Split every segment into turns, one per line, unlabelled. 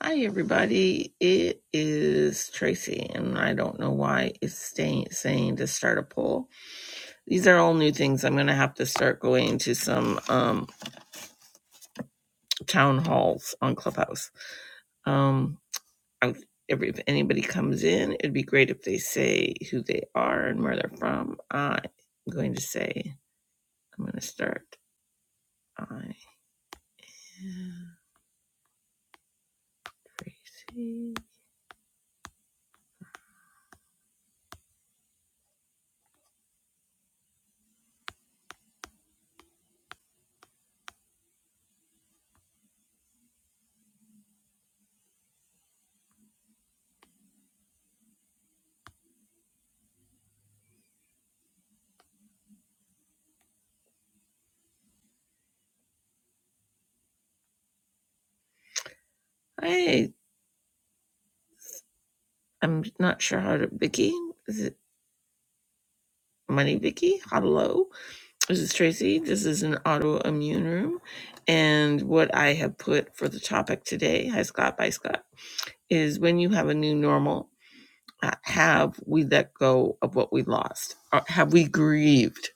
Hi, everybody. It is Tracy, and I don't know why it's staying, saying to start a poll. These are all new things. I'm going to have to start going to some um, town halls on Clubhouse. Um, I, every, if anybody comes in, it'd be great if they say who they are and where they're from. I'm going to say, I'm going to start. I am Tracy. Hey, I'm not sure how to. Vicky? Is it Money Vicky? Hello? This is Tracy. This is an autoimmune room. And what I have put for the topic today, Hi Scott, Bye Scott, is when you have a new normal, uh, have we let go of what we lost? Uh, Have we grieved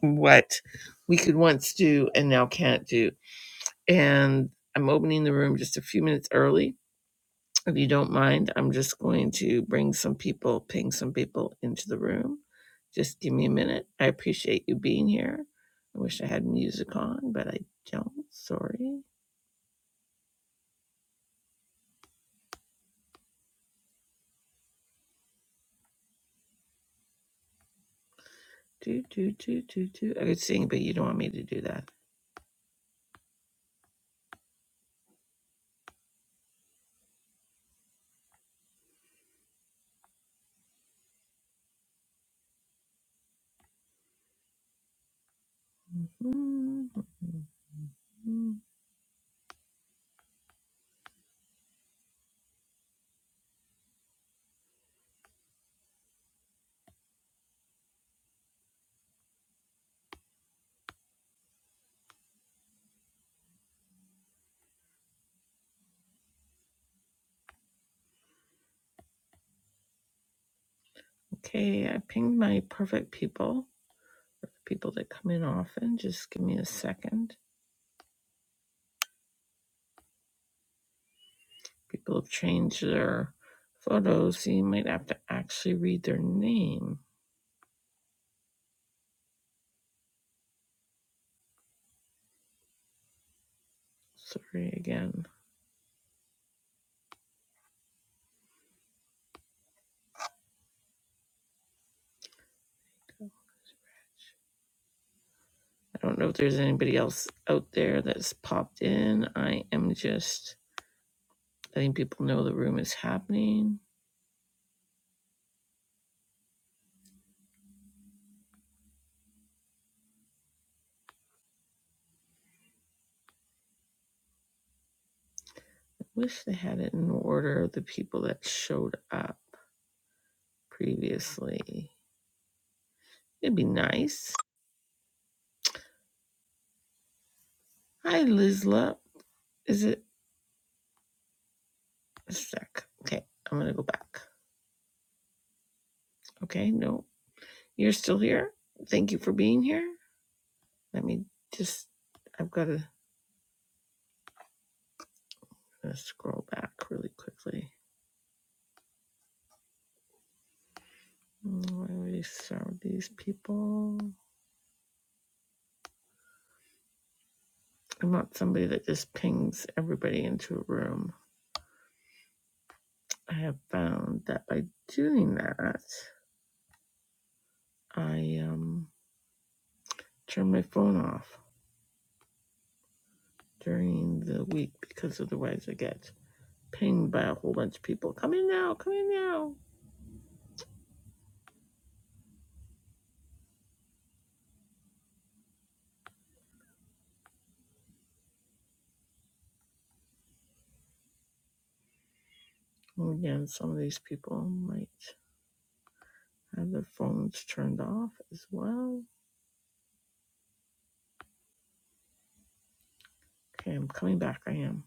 what we could once do and now can't do? And I'm opening the room just a few minutes early If you don't mind, I'm just going to bring some people, ping some people into the room. Just give me a minute. I appreciate you being here. I wish I had music on, but I don't. Sorry. Do, do, do, do, do. I could sing, but you don't want me to do that. Mm-hmm. Okay, I pinged my perfect people. People that come in often. Just give me a second. People have changed their photos, so you might have to actually read their name. Sorry again. I don't know if there's anybody else out there that's popped in. I am just letting people know the room is happening. I wish they had it in order of the people that showed up previously. It'd be nice. Hi, Lizla. Is it stuck? Okay, I'm gonna go back. Okay, no, you're still here. Thank you for being here. Let me just. I've got to scroll back really quickly. Really, so these people. I'm not somebody that just pings everybody into a room. I have found that by doing that, I um turn my phone off during the week because otherwise I get pinged by a whole bunch of people. Come in now, come in now. And again, some of these people might have their phones turned off as well. Okay, I'm coming back. I am.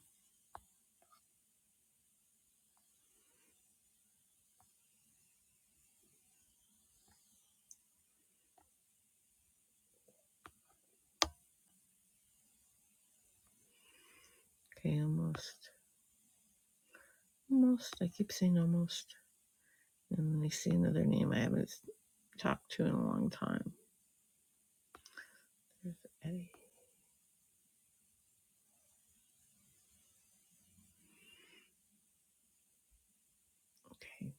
Okay, almost. Almost. I keep saying almost. And then I see another name I haven't talked to in a long time. There's Eddie. Okay.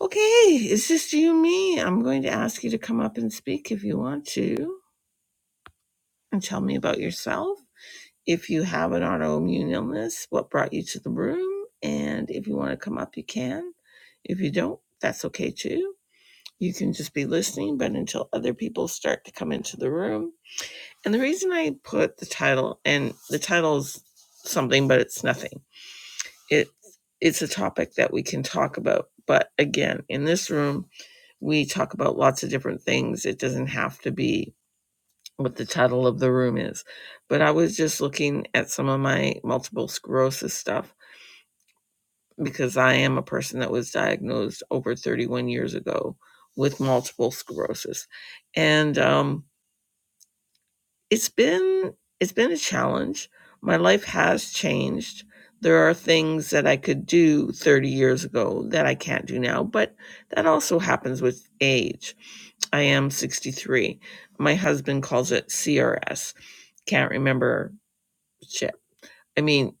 Okay, it's just you and me. I'm going to ask you to come up and speak if you want to and tell me about yourself. If you have an autoimmune illness, what brought you to the room? And if you want to come up, you can. If you don't, that's okay too. You can just be listening, but until other people start to come into the room. And the reason I put the title, and the title's something, but it's nothing it it's a topic that we can talk about but again in this room we talk about lots of different things it doesn't have to be what the title of the room is but i was just looking at some of my multiple sclerosis stuff because i am a person that was diagnosed over 31 years ago with multiple sclerosis and um it's been it's been a challenge. My life has changed. There are things that I could do 30 years ago that I can't do now, but that also happens with age. I am 63. My husband calls it CRS. Can't remember shit. I mean,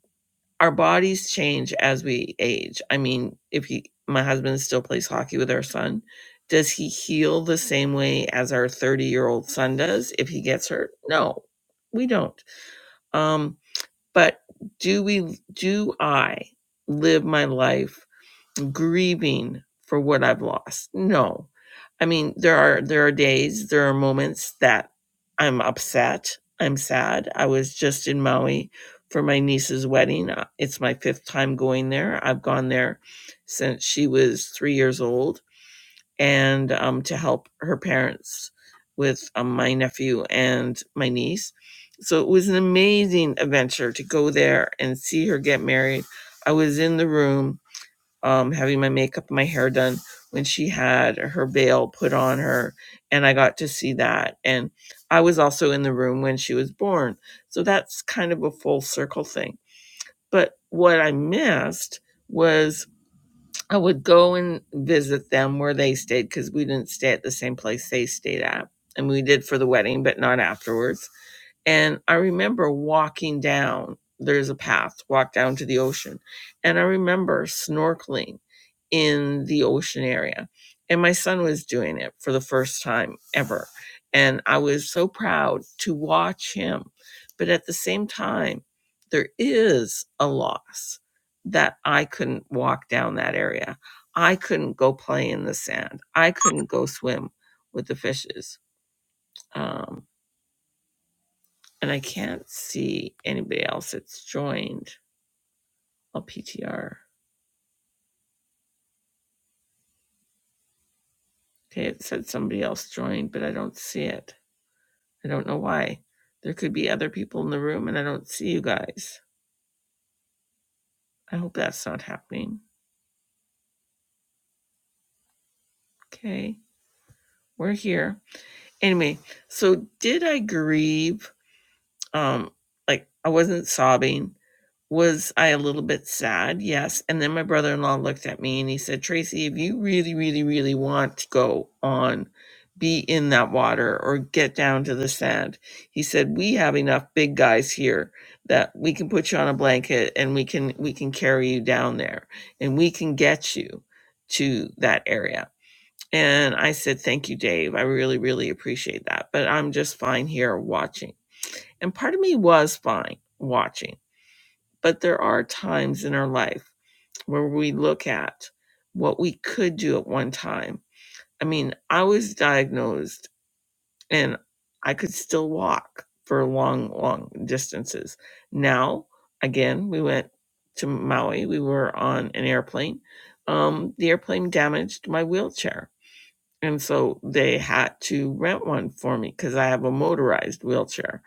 our bodies change as we age. I mean, if he, my husband still plays hockey with our son, does he heal the same way as our 30 year old son does if he gets hurt? No, we don't um, but do we do I live my life grieving for what I've lost? No. I mean, there are there are days, there are moments that I'm upset, I'm sad. I was just in Maui for my niece's wedding. Uh, It's my fifth time going there. I've gone there since she was 3 years old and um, to help her parents with um, my nephew and my niece. So it was an amazing adventure to go there and see her get married. I was in the room um, having my makeup and my hair done when she had her veil put on her, and I got to see that. And I was also in the room when she was born. So that's kind of a full circle thing. But what I missed was I would go and visit them where they stayed because we didn't stay at the same place they stayed at. And we did for the wedding, but not afterwards. And I remember walking down, there's a path, walk down to the ocean. And I remember snorkeling in the ocean area. And my son was doing it for the first time ever. And I was so proud to watch him. But at the same time, there is a loss that I couldn't walk down that area. I couldn't go play in the sand. I couldn't go swim with the fishes. Um, and I can't see anybody else that's joined. I'll PTR. Okay, it said somebody else joined, but I don't see it. I don't know why. There could be other people in the room, and I don't see you guys. I hope that's not happening. Okay, we're here. Anyway, so did I grieve? Um, like I wasn't sobbing. Was I a little bit sad? Yes. And then my brother in law looked at me and he said, Tracy, if you really, really, really want to go on, be in that water or get down to the sand, he said, we have enough big guys here that we can put you on a blanket and we can we can carry you down there and we can get you to that area. And I said, Thank you, Dave. I really, really appreciate that. But I'm just fine here watching. And part of me was fine watching but there are times in our life where we look at what we could do at one time. I mean, I was diagnosed and I could still walk for long, long distances. Now, again, we went to Maui, we were on an airplane. Um, the airplane damaged my wheelchair and so they had to rent one for me because I have a motorized wheelchair.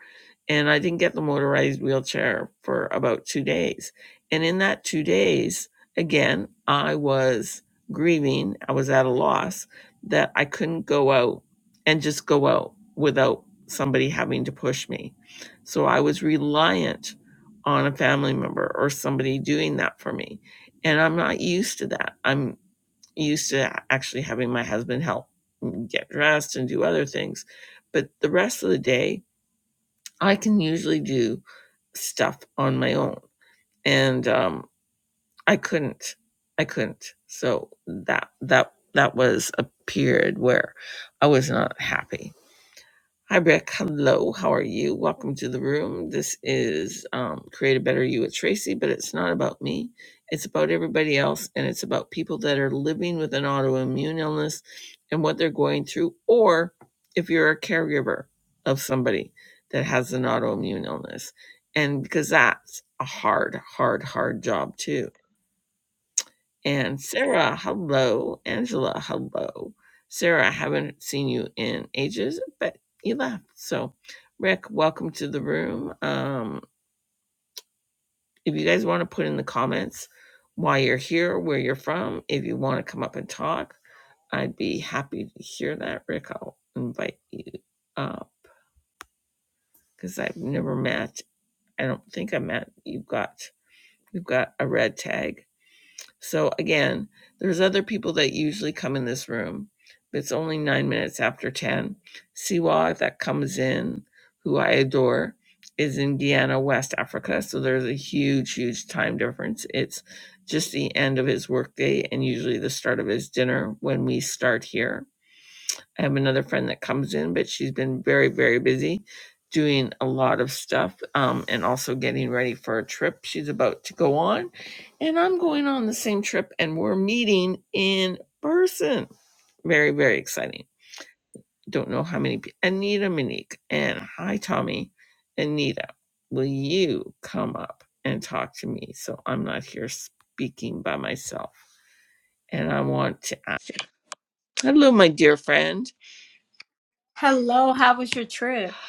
And I didn't get the motorized wheelchair for about two days. And in that two days, again, I was grieving. I was at a loss that I couldn't go out and just go out without somebody having to push me. So I was reliant on a family member or somebody doing that for me. And I'm not used to that. I'm used to actually having my husband help get dressed and do other things. But the rest of the day, I can usually do stuff on my own, and um, I couldn't. I couldn't. So that that that was a period where I was not happy Hi, Beck. Hello. How are you? Welcome to the room. This is um, Create a Better You with Tracy, but it's not about me. It's about everybody else, and it's about people that are living with an autoimmune illness and what they're going through, or if you're a caregiver of somebody that has an autoimmune illness. And because that's a hard, hard, hard job, too and Sarah, hello. Angela, hello. Sarah, I haven't seen you in ages, but you left. So, Rick, welcome to the room. Um, if you guys want to put in the comments why you're here, where you're from, if you want to come up and talk, I'd be happy to hear that. Rick, I'll invite you because I've never met. I don't think I met. You've got you've got a red tag So again, there's other people that usually come in this room, but it's only nine minutes after 10. Siwa that comes in, who I adore, is in Guyana, West Africa. So there's a huge, huge time difference. It's just the end of his workday and usually the start of his dinner when we start here. I have another friend that comes in, but she's been very, very busy doing a lot of stuff um, and also getting ready for a trip she's about to go on. And I'm going on the same trip and we're meeting in person. Very, very exciting. Don't know how many people. Anita Monique and hi, Tommy. Anita, will you come up and talk to me so I'm not here speaking by myself? And I want to. Hello, my dear friend.
Hello, how was your trip?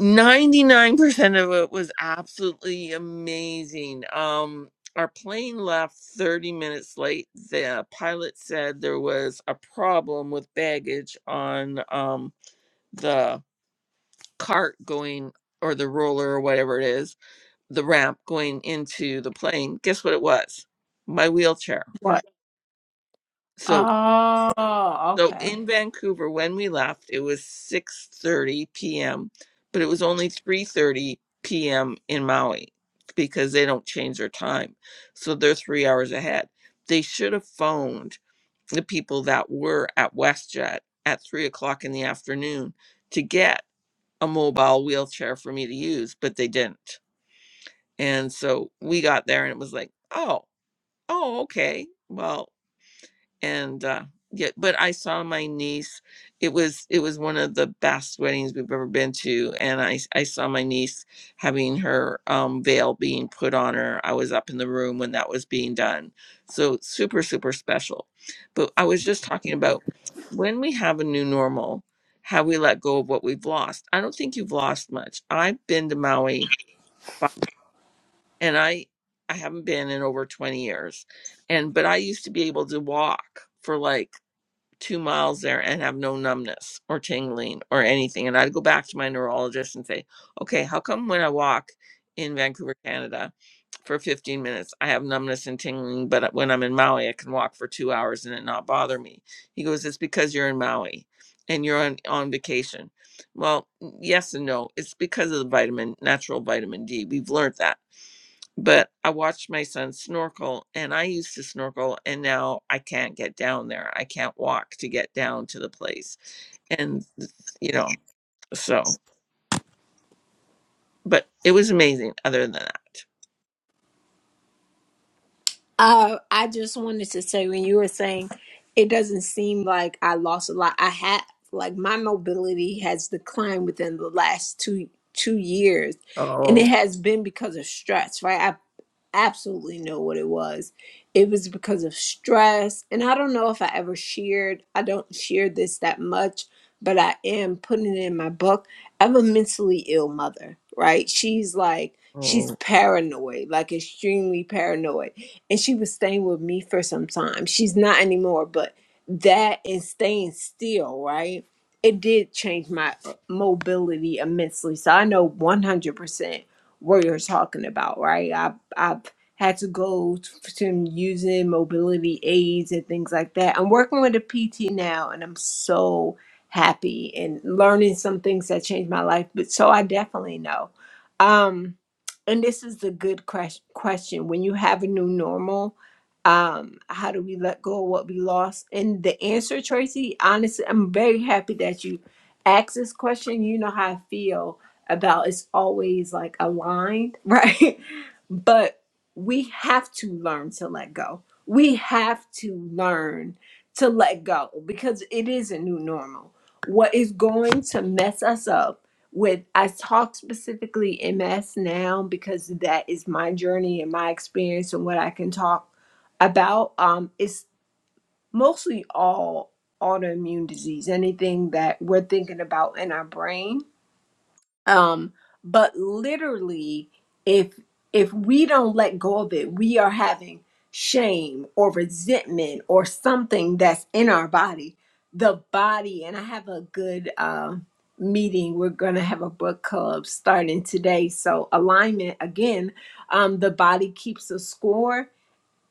99% of it was absolutely amazing. Um, our plane left 30 minutes late. The pilot said there was a problem with baggage on um, the cart going or the roller or whatever it is, the ramp going into the plane. Guess what it was? My wheelchair.
What?
So.
Oh,
So
okay.
in Vancouver, when we left, it was 6:30 p.m., but it was only 3:30 p.m. in Maui because they don't change their time. So they're 3 hours ahead. They should have phoned the people that were at WestJet at 3 o'clock in the afternoon to get a mobile wheelchair for me to use, but they didn't. And so we got there and it was like, oh, oh, okay. Well, and uh yeah but i saw my niece it was it was one of the best weddings we've ever been to and I I saw my niece having her um veil being put on her i was up in the room when that was being done so super super special but i was just talking about when we have a new normal how we let go of what we've lost i don't think you've lost much i've been to maui fi- and i i haven't been in over 20 years and but i used to be able to walk for like two miles there and have no numbness or tingling or anything. And I'd go back to my neurologist and say, okay, how come when I walk in Vancouver, Canada for 15 minutes, I have numbness and tingling, but when I'm in Maui, I can walk for two hours and it not bother me? He goes, it's because you're in Maui and you're on, on vacation. Well, yes and no. It's because of the vitamin, natural vitamin D. We've learned that but I watched my son snorkel and I used to snorkel and now I can't get down there. I can't walk to get down to the place. And you know, so but it was amazing other than that.
Uh, I just wanted to say when you were saying it doesn't seem like I lost a lot. I had like my mobility has declined within the last two two years, and
Oh.
it has been because of stress. Right, I absolutely know what it was. It was because of stress, and I don't know if I ever shared. I don't share this that much, but I am putting it in my book. I have a mentally ill mother. Right, she's like she's
oh.
paranoid, like extremely paranoid and she was staying with me for some time. She's not anymore, but that and staying still, right? It did change my uh, mobility immensely. So I know 100% what you're talking about, right? I I've had to go to, to using mobility aids and things like that. I'm working with a PT now, and I'm so happy and learning some things that changed my life. But so I definitely know. Um, and this is a good ques- question when you have a new normal um how do we let go of what we lost and the answer tracy honestly i'm very happy that you asked this question you know how i feel about it's always like aligned right but we have to learn to let go we have to learn to let go because it is a new normal what is going to mess us up with I talk specifically MS now because that is my journey and my experience and what I can talk about. Um, it's mostly all autoimmune disease, anything that we're thinking about in our brain um but literally if if we don't let go of it we are having shame or resentment or something that's in our body the body and i have a good uh, meeting we're going to have a book club starting today so alignment again um, the body keeps a score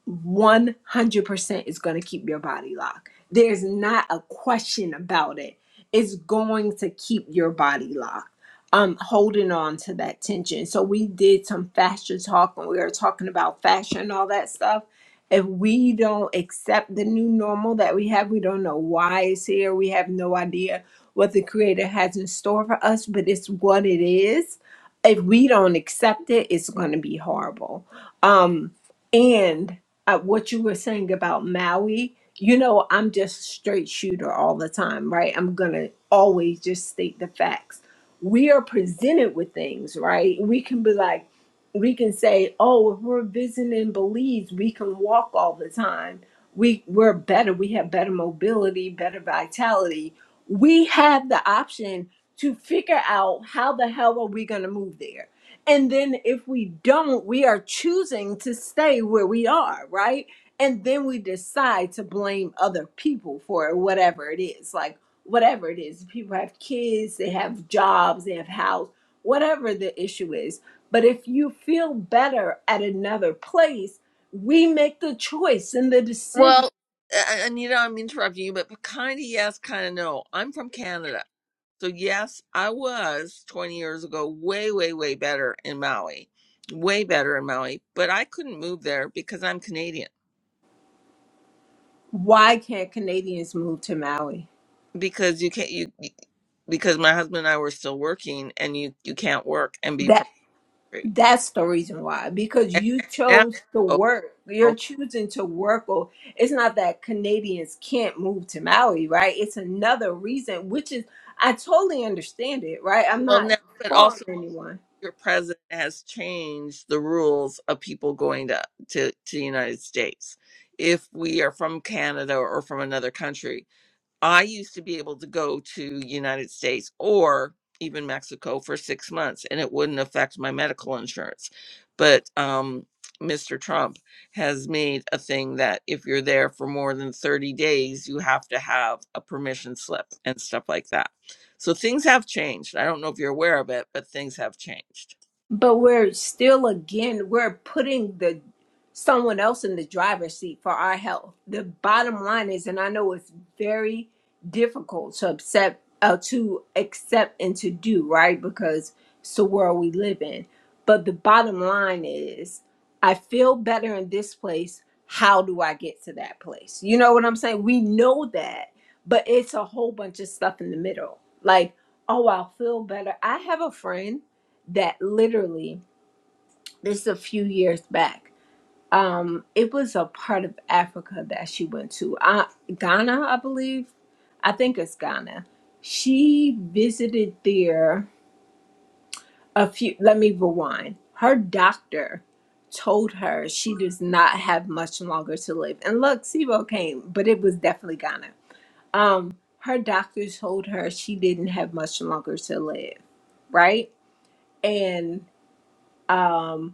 100% is going to keep your body locked. There's not a question about it. It's going to keep your body locked. Um, holding on to that tension. So we did some fashion talk, and we were talking about fashion and all that stuff. If we don't accept the new normal that we have, we don't know why it's here. We have no idea what the Creator has in store for us, but it's what it is. If we don't accept it, it's going to be horrible. Um, and uh, what you were saying about Maui, you know, I'm just straight shooter all the time, right? I'm gonna always just state the facts. We are presented with things, right? We can be like, we can say, oh, if we're visiting Belize, we can walk all the time. We we're better. We have better mobility, better vitality. We have the option to figure out how the hell are we gonna move there and then if we don't, we are choosing to stay where we are, right? And then we decide to blame other people for whatever it is. Like, whatever it is, people have kids, they have jobs, they have house, whatever the issue is. But if you feel better at another place, we make the choice and the decision.
Well, A- and you know, I'm interrupting you, but kind of yes, kind of no. I'm from Canada. So yes, I was 20 years ago way way way better in Maui. Way better in Maui, but I couldn't move there because I'm Canadian
Why can't Canadians move to Maui?
because you can't you you- because my husband and I were still working and you you can't work and be from free.
That's the reason why, because
And
you
now
chose to
oh,
work. You're
oh,
choosing to work, or it's not that Canadians can't move to Maui, right? It's another reason, which is I totally understand it, right? I'm
well
not
now but also
faulting anyone.
your president has changed the rules of people going to to, to the United States. If we are from Canada or from another country, I used to be able to go to United States or even Mexico for six months, and it wouldn't affect my medical insurance. But um, Mr. Trump has made a thing that if you're there for more than 30 days, you have to have a permission slip and stuff like that. So things have changed. I don't know if you're aware of it, but things have changed.
But we're still again we're putting the someone else in the driver's seat for our health. The bottom line is, and I know it's very difficult to accept uh, to accept and to do right because it's the world we live in. But the bottom line is, I feel better in this place. How do I get to that place? You know what I'm saying? We know that, but it's a whole bunch of stuff in the middle. Like, oh, I'll feel better. I have a friend that literally this is a few years back um it was a part of africa that she went to uh, ghana i believe i think it's ghana she visited there a few let me rewind her doctor told her she does not have much longer to live and look sibo came but it was definitely ghana um her doctor told her she didn't have much longer to live right and um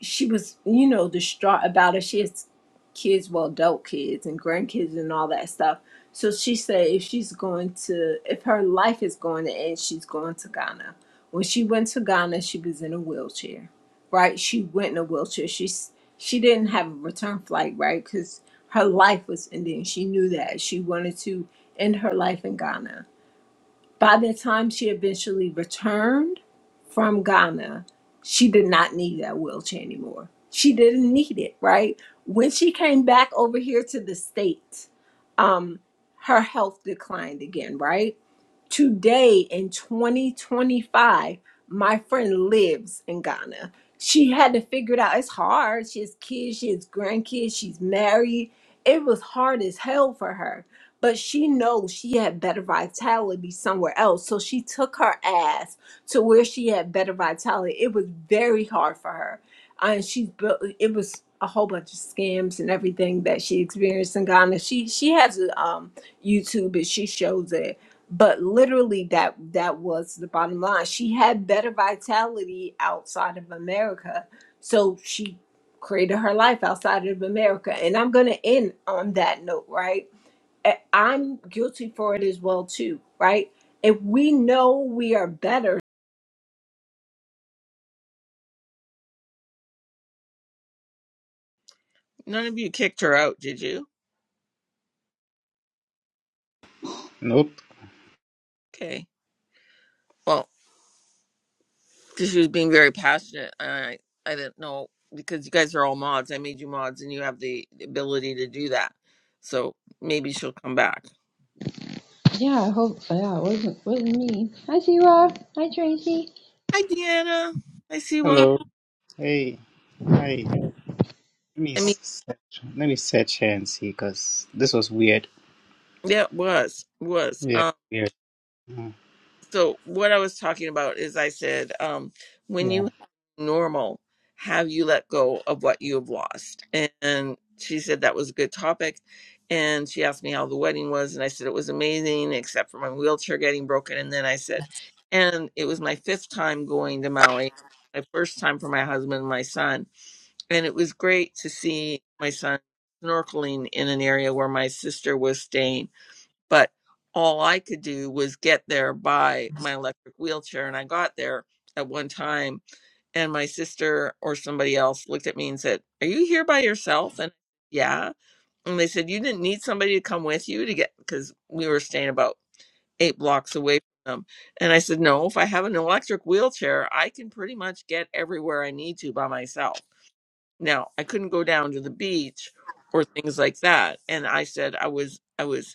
she was, you know, distraught about it. She has kids, well, adult kids and grandkids and all that stuff. So she said if she's going to, if her life is going to end, she's going to Ghana. When she went to Ghana, she was in a wheelchair, right? She went in a wheelchair. She's she didn't have a return flight, right? Because her life was ending. She knew that she wanted to end her life in Ghana by the time she eventually returned from Ghana, she did not need that wheelchair anymore. She didn't need it, right? When she came back over here to the States, um, her health declined again, right? Today in 2025, my friend lives in Ghana. She had to figure it out. It's hard. She has kids, she has grandkids, she's married. It was hard as hell for her. But she knows she had better vitality somewhere else. So she took her ass to where she had better vitality. It was very hard for her. And she built it was a whole bunch of scams and everything that she experienced in Ghana. She she has a um YouTube and she shows it but literally that that was the bottom line she had better vitality outside of america so she created her life outside of america and i'm going to end on that note right A- i'm guilty for it as well too right if we know we are better
None of you kicked her out, did you?
Nope.
Okay. Well. because she was being very passionate. And I, I didn't know because you guys are all mods. I made you mods, and you have the ability to do that. So maybe she'll come back.
Yeah, I hope. Yeah, it wasn't wasn't me. Hi, Siwa. Hi, Tracy.
Hi, Deanna. I see why.
Hello. Hey. Hi. Let me
I mean,
search. Let me search here and see, cause this was weird.
yeah, was was.
Yeah.
um,
Weird. Mm,
so what I was talking about is I said, um, when
Yeah.
you normal, have you let go of what you have lost? And she said that was a good topic. And she asked me how the wedding was, and I said it was amazing, except for my wheelchair getting broken. And then I said, and it was my fifth time going to Maui, my first time for my husband and my son. And it was great to see my son snorkeling in an area where my sister was staying but all I could do was get there by my electric wheelchair. And I got there at one time, and my sister or somebody else looked at me and said, Are you here by yourself? And yeah. And they said, You didn't need somebody to come with you to get, because we were staying about eight blocks away from them. And I said, No, if I have an electric wheelchair, I can pretty much get everywhere I need to by myself. Now, I couldn't go down to the beach or things like that. And I said, I was, I was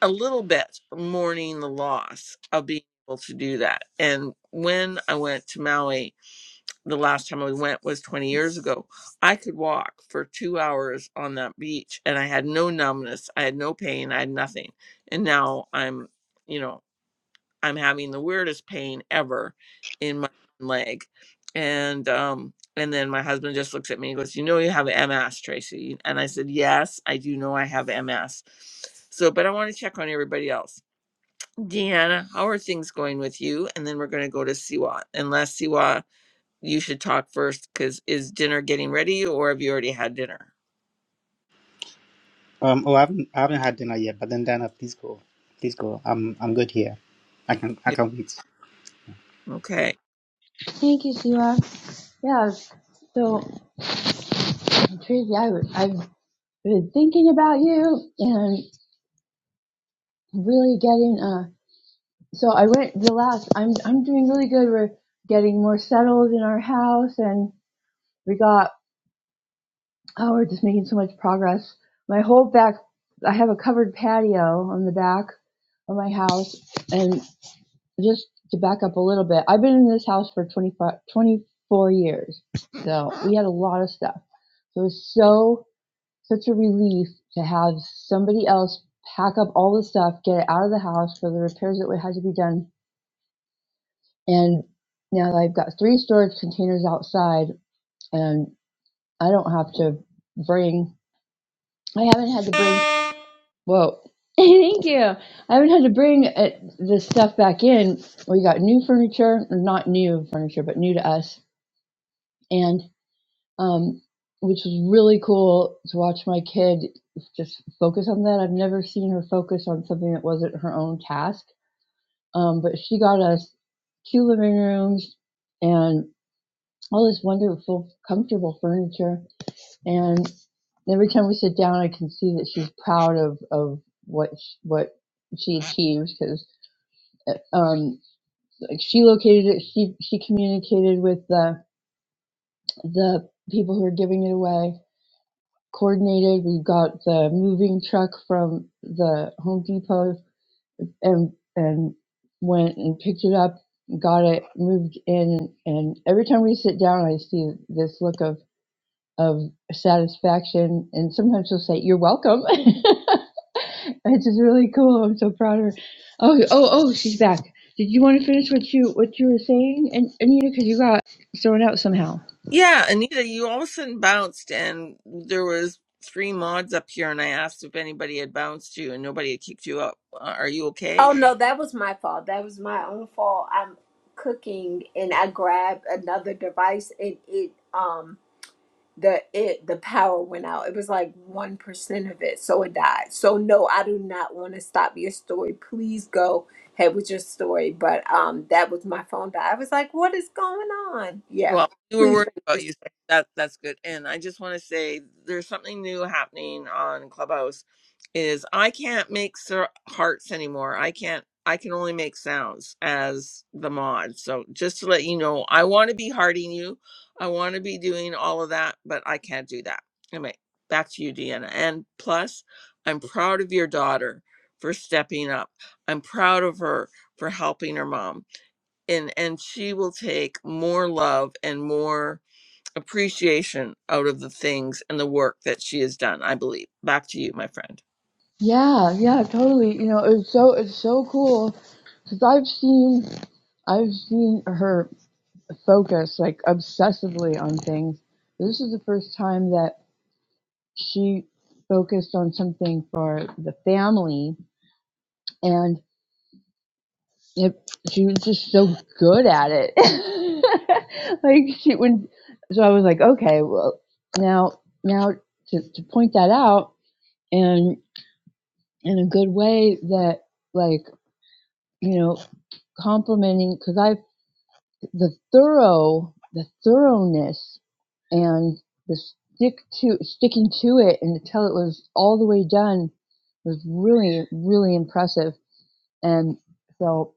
a little bit mourning the loss of being able to do that. And when I went to Maui, the last time we went was 20 years ago, I could walk for two hours on that beach and I had no numbness, I had no pain, I had nothing. And now I'm, you know, I'm having the weirdest pain ever in my leg. And, um, and then my husband just looks at me and goes, You know, you have MS, Tracy. And I said, Yes, I do know I have MS. So, but I want to check on everybody else Deanna, how are things going with you? And then we're going to go to Siwa. Unless Siwa, you should talk first because is dinner getting ready or have you already had dinner?
Um. Oh, I haven't. I haven't had dinner yet. But then, Dana, please go. Please go. I'm. I'm good here. I can. I
Yeah.
can wait.
Okay.
Thank you, Siwa. Yeah. So, Tracy, I w- I've been thinking about you and really getting. Uh, so I went the last. I'm I'm doing really good. We're getting more settled in our house, and we got. Oh, we're just making so much progress. My whole back. I have a covered patio on the back of my house, and. just to back up a little bit, I've been in this house for 25, 24 years. So we had a lot of stuff. So it was so, such a relief to have somebody else pack up all the stuff, get it out of the house for the repairs that had to be done. And now I've got three storage containers outside and I don't have to bring, I haven't had to bring, whoa. Thank you. I haven't had to bring uh, the stuff back in. We got new furniture, not new furniture, but new to us and um, which was really cool to watch my kid just focus on that. I've never seen her focus on something that wasn't her own task. Um, but she got us two living rooms and all this wonderful, comfortable furniture. And every time we sit down, I can see that she's proud of of what sh what she achieves because um, like she located it. She she communicated with the the people who are giving it away coordinated. We got the moving truck from the Home Depot and and went and picked it up, got it moved in. And every time we sit down, I see this look of of satisfaction. And sometimes she'll say, "You're welcome." It's just really cool. I'm so proud of her. Oh, oh, oh, she's back. Did you want to finish what you what you were saying, and Anita? Because you got thrown out somehow.
Yeah, Anita, you all of a sudden bounced and there was three mods up here and I asked if anybody had bounced you and nobody had kicked you up. Uh, Are you okay?
oh no that was my fault that was my own fault i'm cooking and i grabbed another device and it um the it the power went out. It was like one percent of it, so it died. So no, I do not want to stop your story. Please go ahead with your story. But um, that was my phone died. I was like, what is going on? Yeah,
Well, we were
please.
worried
finish your
about you. so That that's good. And I just want to say there's something new happening on Clubhouse. Is I can't make cer- hearts anymore. I can't. I can only make sounds as the mod. So just to let you know, I want to be hearting you. I want to be doing all of that, but I can't do that. Anyway, back to you, Deanna. And plus, I'm proud of your daughter for stepping up. I'm proud of her for helping her mom and and she will take more love and more appreciation out of the things and the work that she has done i believe back to you my friend
Yeah, yeah, totally. You know, it's so it's so cool because I've seen I've seen her focus like obsessively on things. This is the first time that she focused on something for the family, and it, she was just so good at it. like she when, so I was like, okay, well now now to to point that out and in a good way that like you know complimenting because I've the thorough the thoroughness and the stick to sticking to it until it was all the way done was really really impressive and so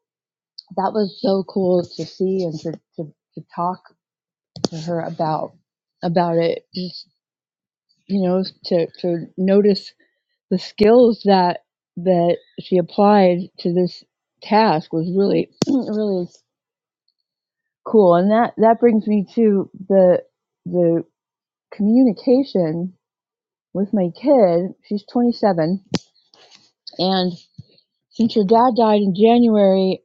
that was so cool to see and to, to, to talk to her about about it just you know to to notice the skills that that she applied to this task was really really Cool. And that that brings me to the the communication with my kid. She's 27, and since your dad died in January,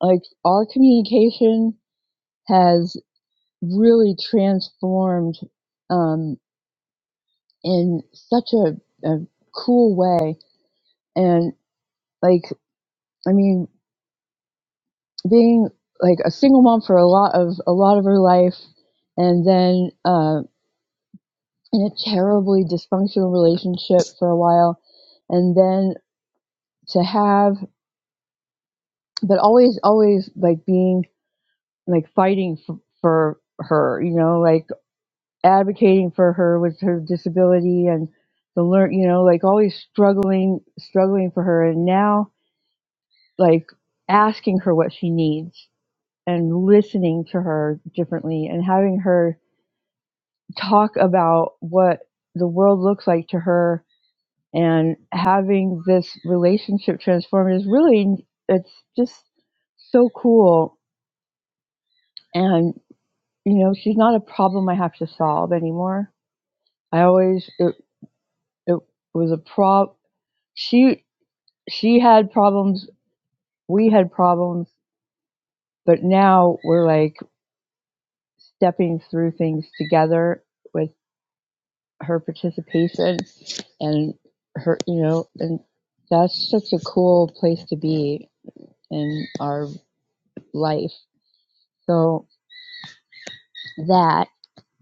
like our communication has really transformed um, in such a, a cool way. And like, I mean, being like a single mom for a lot of a lot of her life, and then uh in a terribly dysfunctional relationship for a while and then to have but always always like being like fighting for, for her you know like advocating for her with her disability and the learn you know like always struggling struggling for her and now like asking her what she needs and listening to her differently and having her talk about what the world looks like to her and having this relationship transformed is really it's just so cool and you know she's not a problem i have to solve anymore i always it, it was a prob she she had problems we had problems but now we're like stepping through things together with her participation and her you know and that's such a cool place to be in our life so that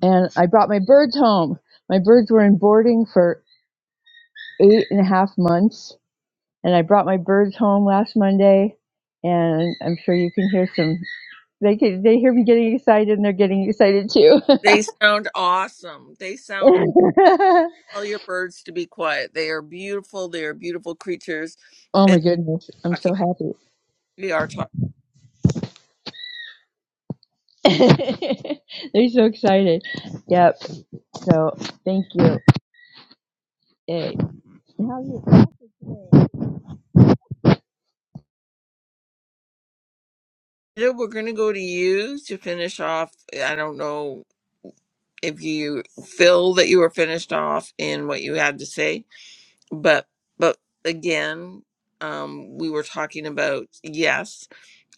and I brought my birds home. My birds were in boarding for eight and a half months and I brought my birds home last Monday and I'm sure you can hear some they can, they hear me getting excited and they're getting excited too.
they sound awesome they sound Tell your birds to be quiet they are beautiful they are beautiful creatures
oh my
and
goodness, I'm
talking
so happy.
we are talking
they're so excited. Yep. So, thank you. Yay. How's
Rita, we're going to go to you to finish off i don't know if you feel that you were finished off in what you had to say but but again um we were talking about yes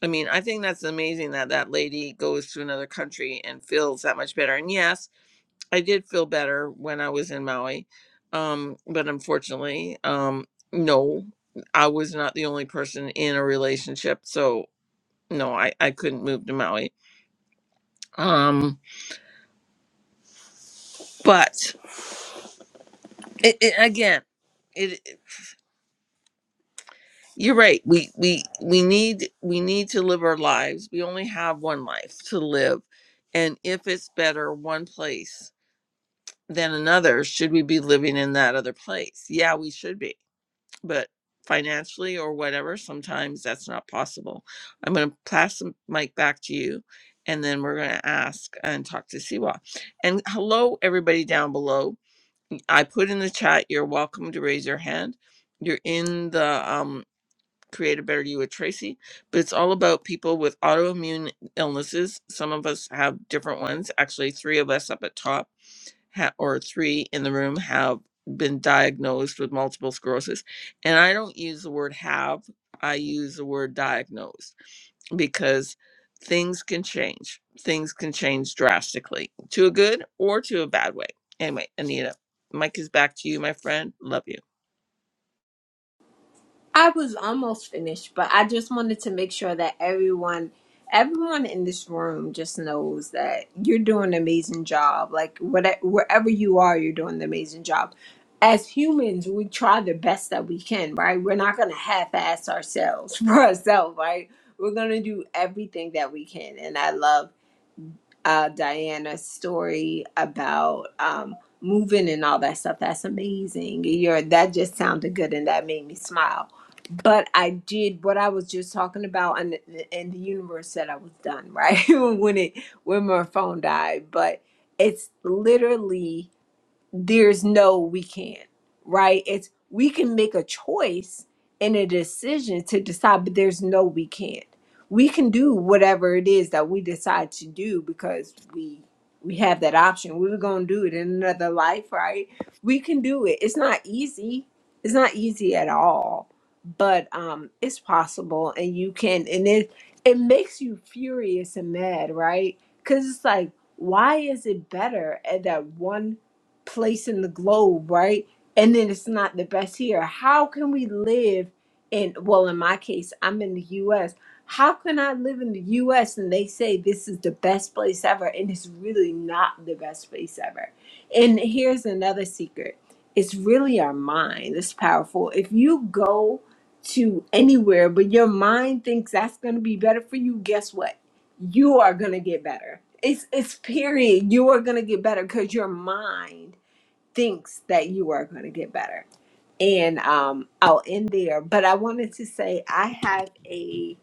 I mean, I think that's amazing that that lady goes to another country and feels that much better. And yes, I did feel better when I was in Maui. Um, but unfortunately, um, no, I was not the only person in a relationship. So, no, I, I couldn't move to Maui. Um, but it, it, again, it, it- you're right. We, we, we need, we need to live our lives. We only have one life to live. And if it's better one place than another, should we be living in that other place? Yeah, we should be, but financially or whatever, sometimes that's not possible. I'm going to pass the mic back to you, and then we're going to ask and talk to Siwa. And hello, everybody down below. I put in the chat, you're welcome to raise your hand. You're in the um, Create a Better You with Tracy, but it's all about people with autoimmune illnesses. Some of us have different ones, actually, three of us up at top ha- or three in the room have been diagnosed with multiple sclerosis. And I don't use the word have, I use the word diagnosed because things can change. Things can change drastically to a good or to a bad way. Anyway, Anita, Mike is back to you, my friend. Love you.
I was almost finished, but I just wanted to make sure that everyone everyone in this room just knows that you're doing an amazing job. Like whatever wherever you are, you're doing an amazing job. As humans, we try the best that we can, right? We're not gonna half-ass ourselves for ourselves, right? We're gonna do everything that we can. And I love uh, Diana's story about um, moving and all that stuff. That's amazing. You're, that just sounded good and that made me smile. But I did what I was just talking about, and, and the universe said I was done, right? when it when my phone died. But it's literally there's no we can't, right? It's we can make a choice and a decision to decide, but there's no we can't. We can do whatever it is that we decide to do because we we have that option. We were gonna do it in another life, right? We can do it. It's not easy. It's not easy at all, but um it's possible and you can and it it makes you furious and mad, right? Cause it's like, why is it better at that one place in the globe, right? And then it's not the best here. How can we live in, well, in my case, I'm in the US. How can I live in the US and they say this is the best place ever? And it's really not the best place ever. And here's another secret it's really our mind that's powerful. If you go to anywhere, but your mind thinks that's going to be better for you, guess what? You are going to get better. It's, it's period. You are going to get better because your mind thinks that you are going to get better. And um, I'll end there. But I wanted to say I have a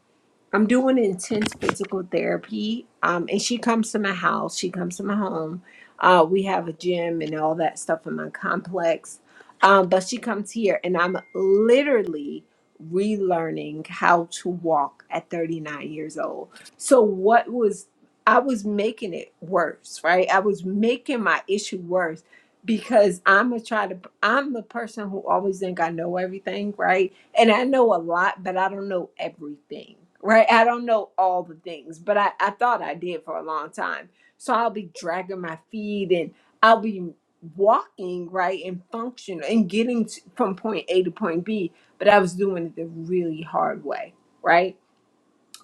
I'm doing intense physical therapy. Um, and she comes to my house. She comes to my home. Uh, we have a gym and all that stuff in my complex. Um, but she comes here, and I'm literally relearning how to walk at 39 years old. So what was I was making it worse, right? I was making my issue worse because I'm a try to. I'm the person who always think I know everything, right? and I know a lot, but I don't know everything, right? I don't know all the things, but I, I thought I did for a long time. So I'll be dragging my feet and I'll be walking, right, and function and getting to, from point A to point B, but I was doing it the really hard way, right?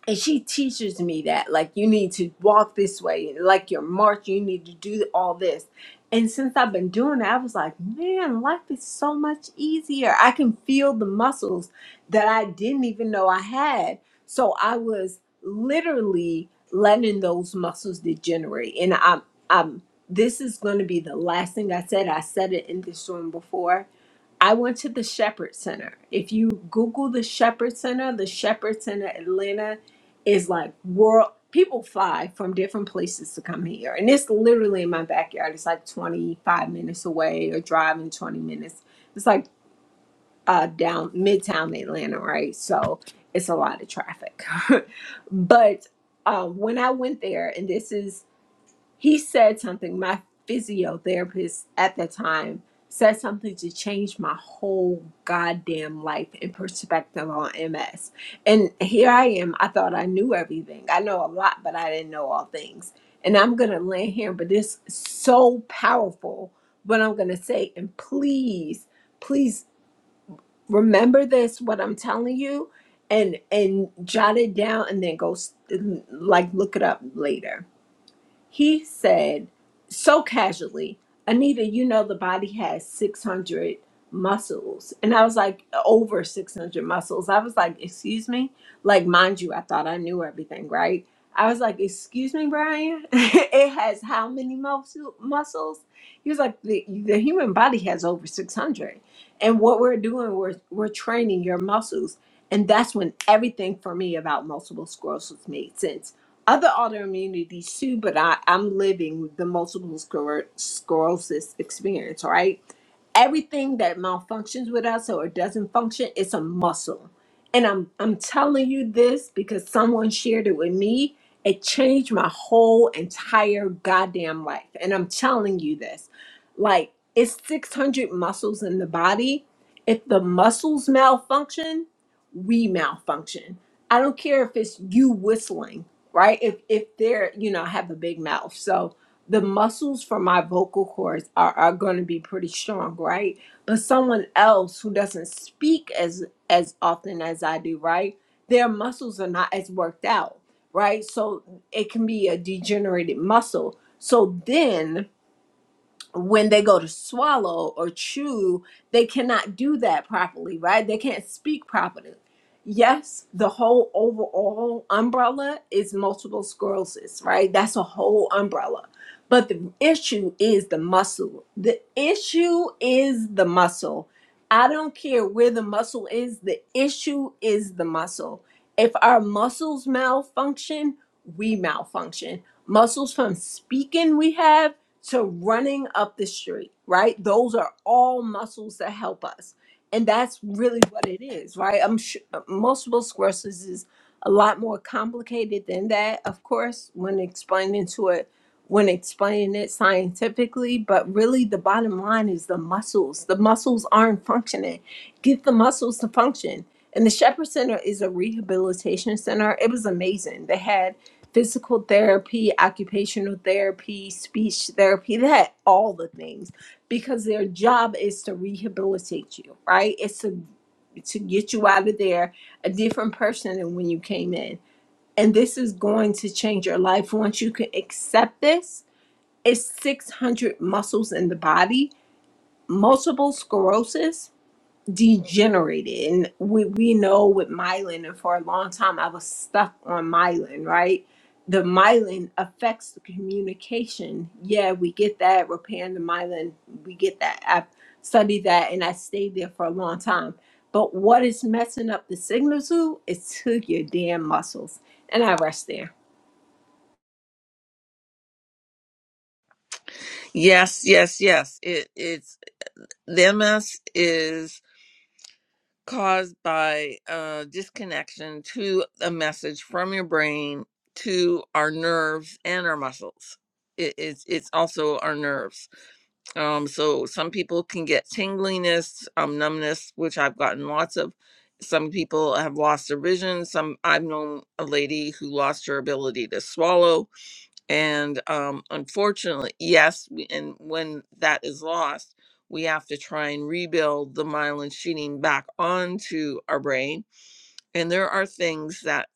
and she teaches me that like you need to walk this way like your march you need to do all this and since i've been doing it i was like man life is so much easier i can feel the muscles that i didn't even know i had so i was literally letting those muscles degenerate and i'm i'm this is going to be the last thing i said i said it in this room before I went to the Shepherd Center. If you Google the Shepherd Center, the Shepherd Center Atlanta is like world. People fly from different places to come here, and it's literally in my backyard. It's like 25 minutes away, or driving 20 minutes. It's like uh, down midtown Atlanta, right? So it's a lot of traffic. but uh, when I went there, and this is he said something my physiotherapist at that time said something to change my whole goddamn life and perspective on ms and here i am i thought i knew everything i know a lot but i didn't know all things and i'm gonna land here but it's so powerful what i'm gonna say and please please remember this what i'm telling you and and jot it down and then go s- like look it up later he said so casually, Anita, you know, the body has 600 muscles. And I was like, over 600 muscles. I was like, excuse me? Like, mind you, I thought I knew everything, right? I was like, excuse me, Brian? it has how many muscle- muscles? He was like, the, the human body has over 600. And what we're doing, we're, we're training your muscles. And that's when everything for me about multiple sclerosis made sense other autoimmunities too, but I, I'm living the multiple scler- sclerosis experience, right? everything that malfunctions with us or doesn't function it's a muscle and i'm i'm telling you this because someone shared it with me it changed my whole entire goddamn life and i'm telling you this like it's 600 muscles in the body if the muscles malfunction we malfunction i don't care if it's you whistling right if if they're you know I have a big mouth so the muscles for my vocal cords are, are going to be pretty strong right but someone else who doesn't speak as as often as i do right their muscles are not as worked out right so it can be a degenerated muscle so then when they go to swallow or chew, they cannot do that properly, right? They can't speak properly. Yes, the whole overall umbrella is multiple sclerosis, right? That's a whole umbrella. But the issue is the muscle. The issue is the muscle. I don't care where the muscle is, the issue is the muscle. If our muscles malfunction, we malfunction. Muscles from speaking we have to running up the street, right? Those are all muscles that help us. And that's really what it is, right? I'm sure uh, multiple sclerosis is a lot more complicated than that, of course, when explaining to it, when explaining it scientifically. But really, the bottom line is the muscles. The muscles aren't functioning. Get the muscles to function. And the Shepherd Center is a rehabilitation center. It was amazing. They had physical therapy, occupational therapy, speech therapy, that all the things because their job is to rehabilitate you, right? It's to to get you out of there a different person than when you came in. And this is going to change your life once you can accept this. It's 600 muscles in the body, multiple sclerosis, degenerated and we, we know with myelin and for a long time i was stuck on myelin right the myelin affects the communication yeah we get that repairing the myelin we get that i've studied that and i stayed there for a long time but what is messing up the signal to is to your damn muscles and i rest there
Yes, yes, yes. It it's the MS is caused by uh disconnection to a message from your brain to our nerves and our muscles. It, it's it's also our nerves. Um, so some people can get tingliness, um, numbness, which I've gotten lots of. Some people have lost their vision. Some I've known a lady who lost her ability to swallow and um, unfortunately, yes, we, and when that is lost, we have to try and rebuild the myelin sheeting back onto our brain. And there are things that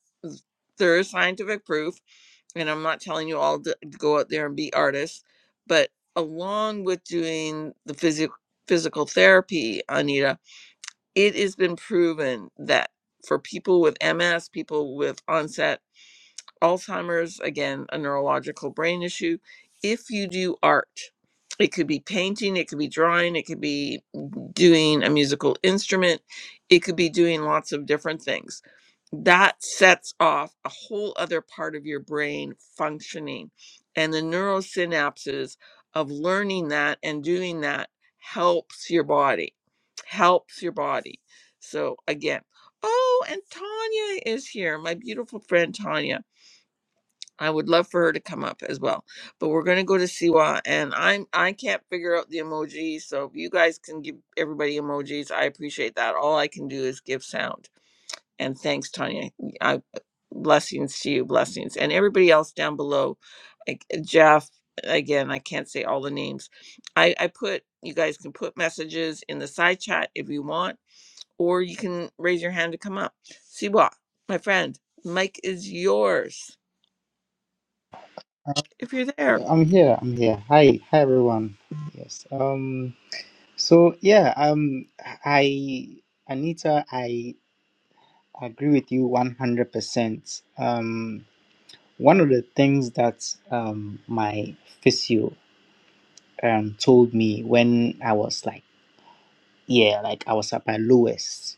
there is scientific proof, and I'm not telling you all to to go out there and be artists, but along with doing the physio physical therapy, Anita, it has been proven that for people with MS, people with onset Alzheimer's, again, a neurological brain issue. If you do art, it could be painting, it could be drawing, it could be doing a musical instrument, it could be doing lots of different things. That sets off a whole other part of your brain functioning. And the neurosynapses of learning that and doing that helps your body, helps your body. So, again, oh, and Tanya is here, my beautiful friend Tanya. I would love for her to come up as well. But we're gonna go to Siwa and I'm I can't figure out the emojis, so if you guys can give everybody emojis, I appreciate that. All I can do is give sound. And thanks, Tanya. I blessings to you, blessings. And everybody else down below. Like uh, Jeff, again, I can't say all the names. I, I put you guys can put messages in the side chat if you want, or you can raise your hand to come up. Siwa, my friend, Mike is yours if you're there.
Yeah, I'm here. I'm here. Hi. Hi, everyone. Yes. Um. So yeah. Um. I. Anita. I agree with you one hundred percent. Um. One of the things that um my physio um told me when I was like yeah, like I was up at Lewis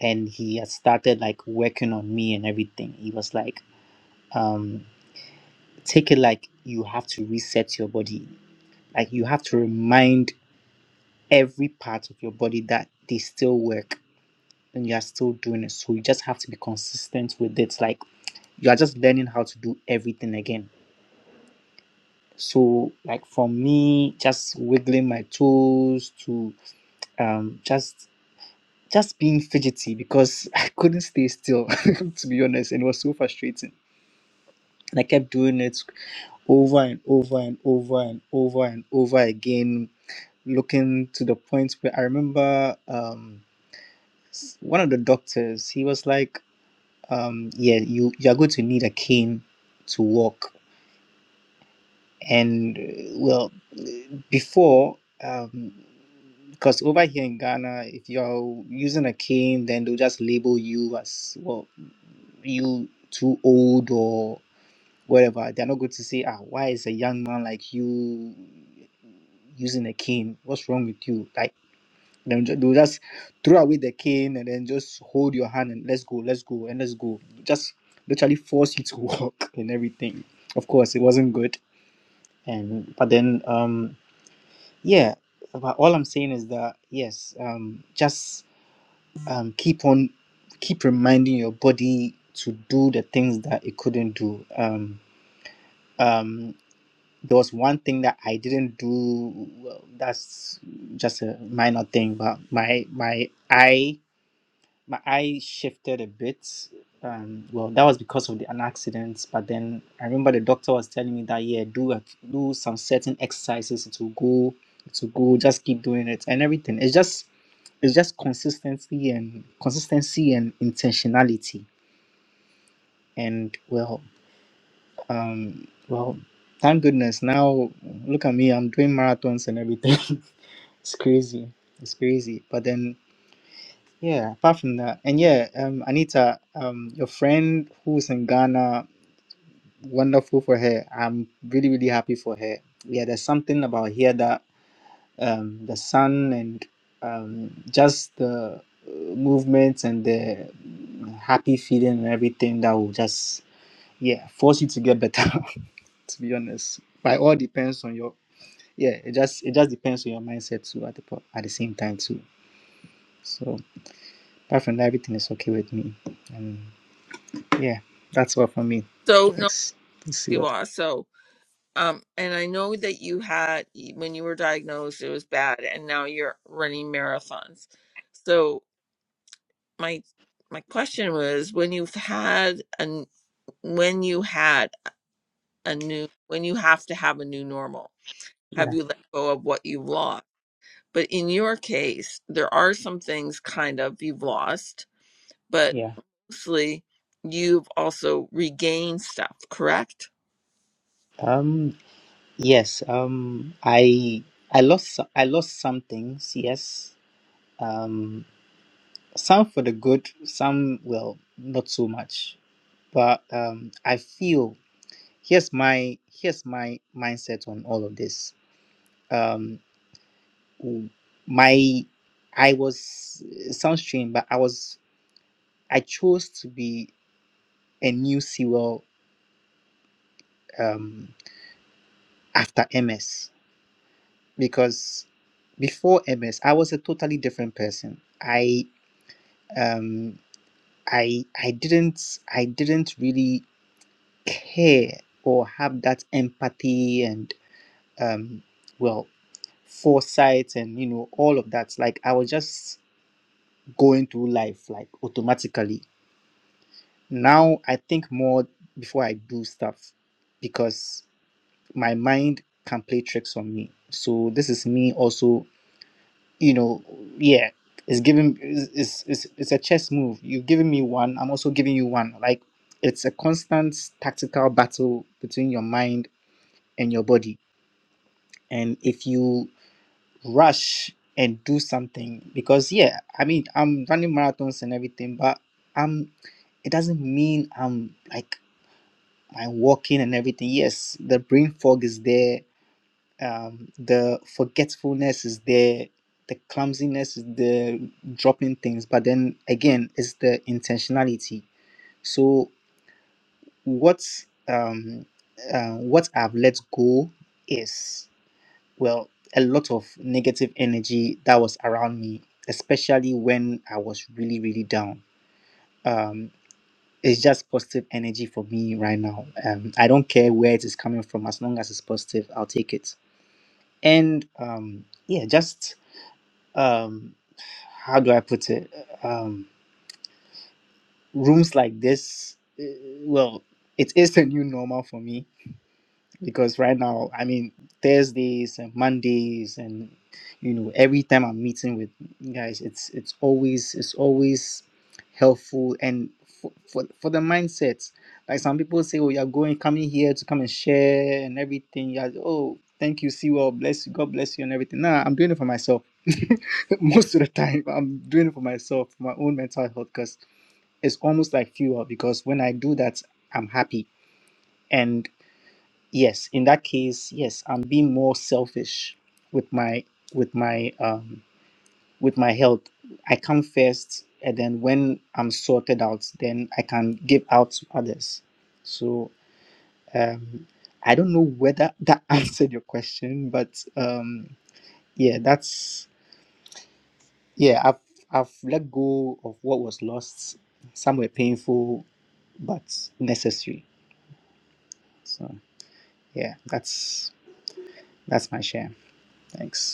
and he had started like working on me and everything. He was like, um, take it like you have to reset your body. Like you have to remind every part of your body that they still work and you are still doing it. So you just have to be consistent with it. Like you are just learning how to do everything again. So like for me, just wiggling my toes to um just just being fidgety because I couldn't stay still, to be honest, and it was so frustrating. And I kept doing it over and over and over and over and over again, looking to the point where I remember um, s- one of the doctors, he was like, um, Yeah, you, you're going to need a cane to walk. And uh, well, before, um, because over here in Ghana, if you're using a cane, then they'll just label you as well you too old or whatever. They're not going to say, ah, why is a young man like you using a cane? What's wrong with you? Like, they'll ju- they'll just throw away the cane and then just hold your hand and let's go, let's go, and let's go. Just literally force you to walk and everything. Of course, it wasn't good. And, but then, um, yeah, but all I'm saying is that, yes, um, just um, keep on keep reminding your body to do the things that it couldn't do um, um, there was one thing that i didn't do well, that's just a minor thing but my my eye my eye shifted a bit. Um, well, that was because of the, an accident. But then I remember the doctor was telling me that yeah, do a, do some certain exercises. It will go. It will go. Just keep doing it and everything. It's just it's just consistency and consistency and intentionality. And well, um, well, thank goodness now look at me. I'm doing marathons and everything. it's crazy. It's crazy. But then Yeah, apart from that, and yeah, um, Anita, um, your friend who's in Ghana, wonderful for her. I'm really, really happy for her. Yeah, there's something about here that um, the sun and um, just the uh, movements and the happy feeling and everything that will just yeah force you to get better. to be honest, but it all depends on your yeah. It just it just depends on your mindset too at the po- at the same time too. So apart from that, everything is okay with me. And Yeah, that's all for me.
So no,
Thanks. Thanks, you all.
Siwa. So um, and I know that you had when you were diagnosed, it was bad, and now you're running marathons. So my my question was, when you've had an when you had a new when you have to have a new normal, have
Yeah,
you let go of what you've lost? But in your case, there are some things kind of you've lost, but
yeah.
mostly you've also regained stuff, correct?
Um, yes. Um, I I lost so- I lost some things. Yes. Um, some for the good. Some well, not so much. But um, I feel here's my here's my mindset on all of this. Um, w- my I was it sounds strange, but I was I chose to be a new Sewell um after MS because before MS, I was a totally different person. I um I I didn't I didn't really care or have that empathy and um well foresight and you know all of that. Like I was just going through life like automatically. Now I think more before I do stuff because my mind can play tricks on me. So this is me also you know, yeah, it's giving it's it's it's it's a chess move. You've given me one, I'm also giving you one. Like it's a constant tactical battle between your mind and your body. And if you rush and do something, because yeah, I mean I'm running marathons and everything, but I'm it doesn't mean I'm like my walking and everything. Yes, the brain fog is there um, the forgetfulness is there, the clumsiness is there, dropping things. But then again, it's the intentionality. So what um, uh, what I've let go is well a lot of negative energy that was around me, especially when I was really really down. Um, it's just positive energy for me right now. Um, I don't care where it is coming from, as long as it's positive, I'll take it. And um, yeah, just um how do i put it um rooms like this eh, well it is a new normal for me because right now i mean thursdays and mondays and you know every time i'm meeting with guys it's it's always it's always helpful and for, for, for the mindset like some people say oh you're going coming here to come and share and everything yeah oh thank you see you all. bless you god bless you and everything nah i'm doing it for myself most of the time i'm doing it for myself for my own mental health because it's almost like fuel because when i do that i'm happy and yes in that case yes i'm being more selfish with my with my um with my health i come first and then when i'm sorted out then i can give out to others so um i don't know whether that answered your question but um yeah that's yeah i've i've let go of what was lost some were painful but necessary so yeah that's that's my share thanks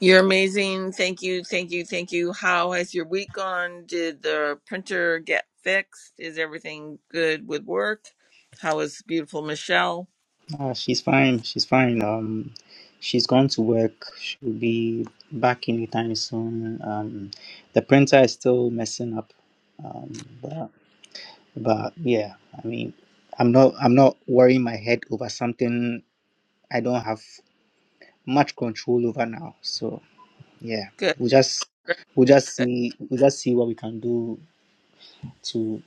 You're amazing. Thank you. Thank you. Thank you. How has your week gone? Did the printer get fixed? Is everything good with work? How is beautiful Michelle?
Ah, she's fine. She's fine. Um, she's gone to work. She'll be back anytime soon. Um, the printer is still messing up. Um, but but yeah, I mean, I'm not I'm not worrying my head over something I don't have much control over now. So yeah,
Good.
we'll just
Good.
we'll just
good.
see we'll just see what we can do to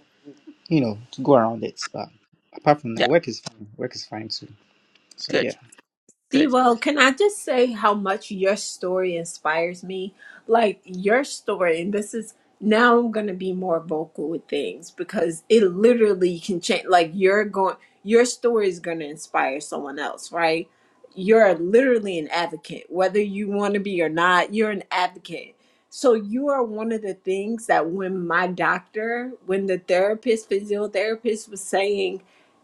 you know to go around it. But apart from
Yeah.
that, work is fine. Work is fine too. So
Good.
yeah,
Good.
Well, can I just say how much your story inspires me? Like your story, and this is now I'm gonna be more vocal with things because it literally can change. Like you're going, your story is gonna inspire someone else, right? You're literally an advocate, whether you want to be or not. You're an advocate. So you are one of the things that when my doctor, when the therapist, physiotherapist was saying,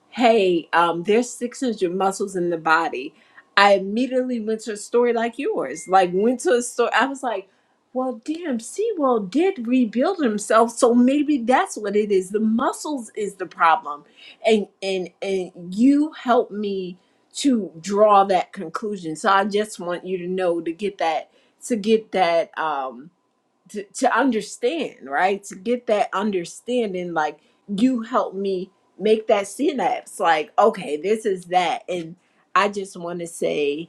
"Hey, um, there's 600 muscles in the body." I immediately went to a story like yours, like went to a story. I was like, well, damn, Sewell did rebuild himself, so maybe that's what it is. The muscles is the problem, and and and you helped me to draw that conclusion. So I just want you to know to get that to get that. Um, to, to understand, right? To get that understanding, like you helped me make that synapse. Like, okay, this is that. And I just want to say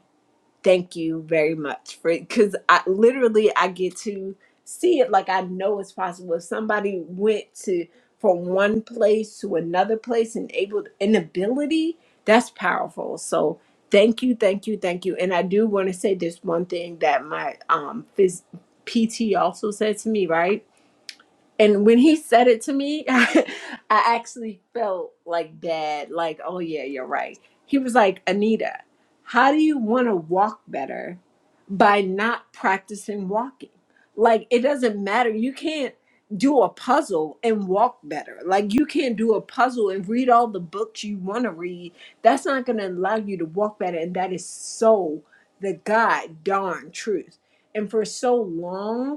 thank you very much for it, because I literally I get to see it like I know it's possible. If somebody went to from one place to another place and able an ability, that's powerful. So thank you, thank you, thank you. And I do want to say this one thing that my um phys- PT also said to me, right? and when he said it to me, I actually felt like bad, like, oh yeah, you're right. He was like, Anita, how do you want to walk better by not practicing walking? Like, it doesn't matter. You can't do a puzzle and walk better. Like, you can't do a puzzle and read all the books you want to read. That's not going to allow you to walk better. And that is so the God darn truth. And for so long,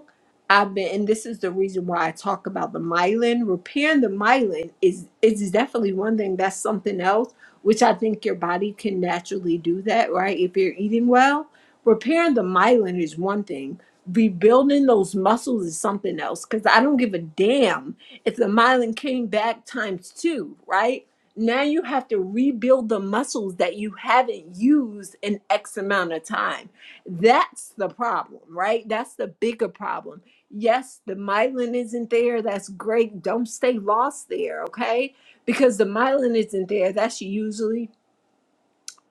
I've been, and this is the reason why I talk about the myelin. Repairing the myelin is is definitely one thing. That's something else, which I think your body can naturally do that, right? If you're eating well, repairing the myelin is one thing. Rebuilding those muscles is something else. Because I don't give a damn if the myelin came back times two, right? Now you have to rebuild the muscles that you haven't used in X amount of time. That's the problem, right? That's the bigger problem Yes, the myelin isn't there. That's great. Don't stay lost there, okay? Because the myelin isn't there. That's usually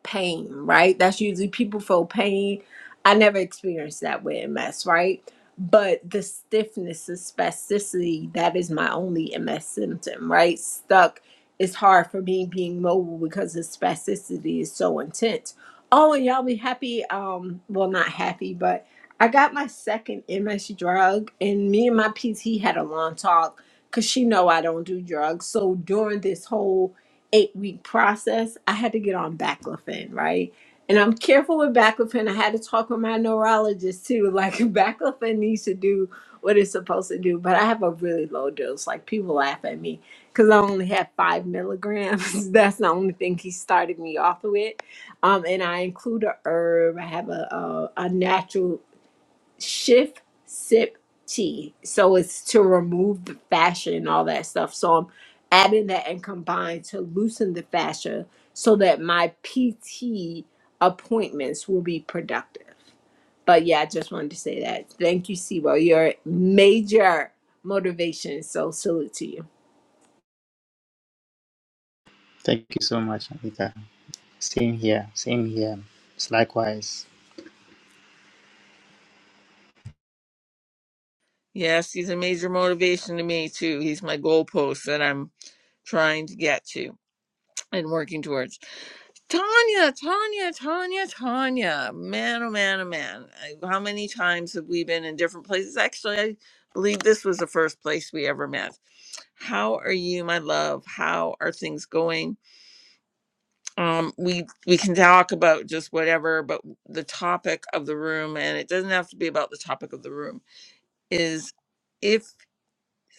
pain, right? That's usually people feel pain. I never experienced that with MS, right? But the stiffness, the spasticity, that is my only MS symptom, right? Stuck is hard for me being mobile because the spasticity is so intense. Oh, and y'all be happy. Um, well, not happy, but I got my second MS drug, and me and my PT had a long talk because she know I don't do drugs. So during this whole eight week process, I had to get on baclofen, right? And I'm careful with baclofen. I had to talk with my neurologist too. Like baclofen needs to do what it's supposed to do, but I have a really low dose. Like people laugh at me because I only have five milligrams. That's the only thing he started me off with. Um, and I include a herb. I have a a, a natural shift sip tea. So it's to remove the fascia and all that stuff. So I'm adding that and combine to loosen the fascia so that my PT appointments will be productive. But yeah, I just wanted to say that. Thank you, Sibo. You're a major motivation. So salute to you.
thank you so much, Anita. Same here, same here. It's likewise.
Yes, he's a major motivation to me too. He's my goalpost that I'm trying to get to and working towards. Tanya, Tanya, Tanya, Tanya. Man, oh man, oh man. I- How many times have we been in different places? Actually, I believe this was the first place we ever met How are you, my love? How are things going? Um, we we can talk about just whatever, but the topic of the room, and it doesn't have to be about the topic of the room, is if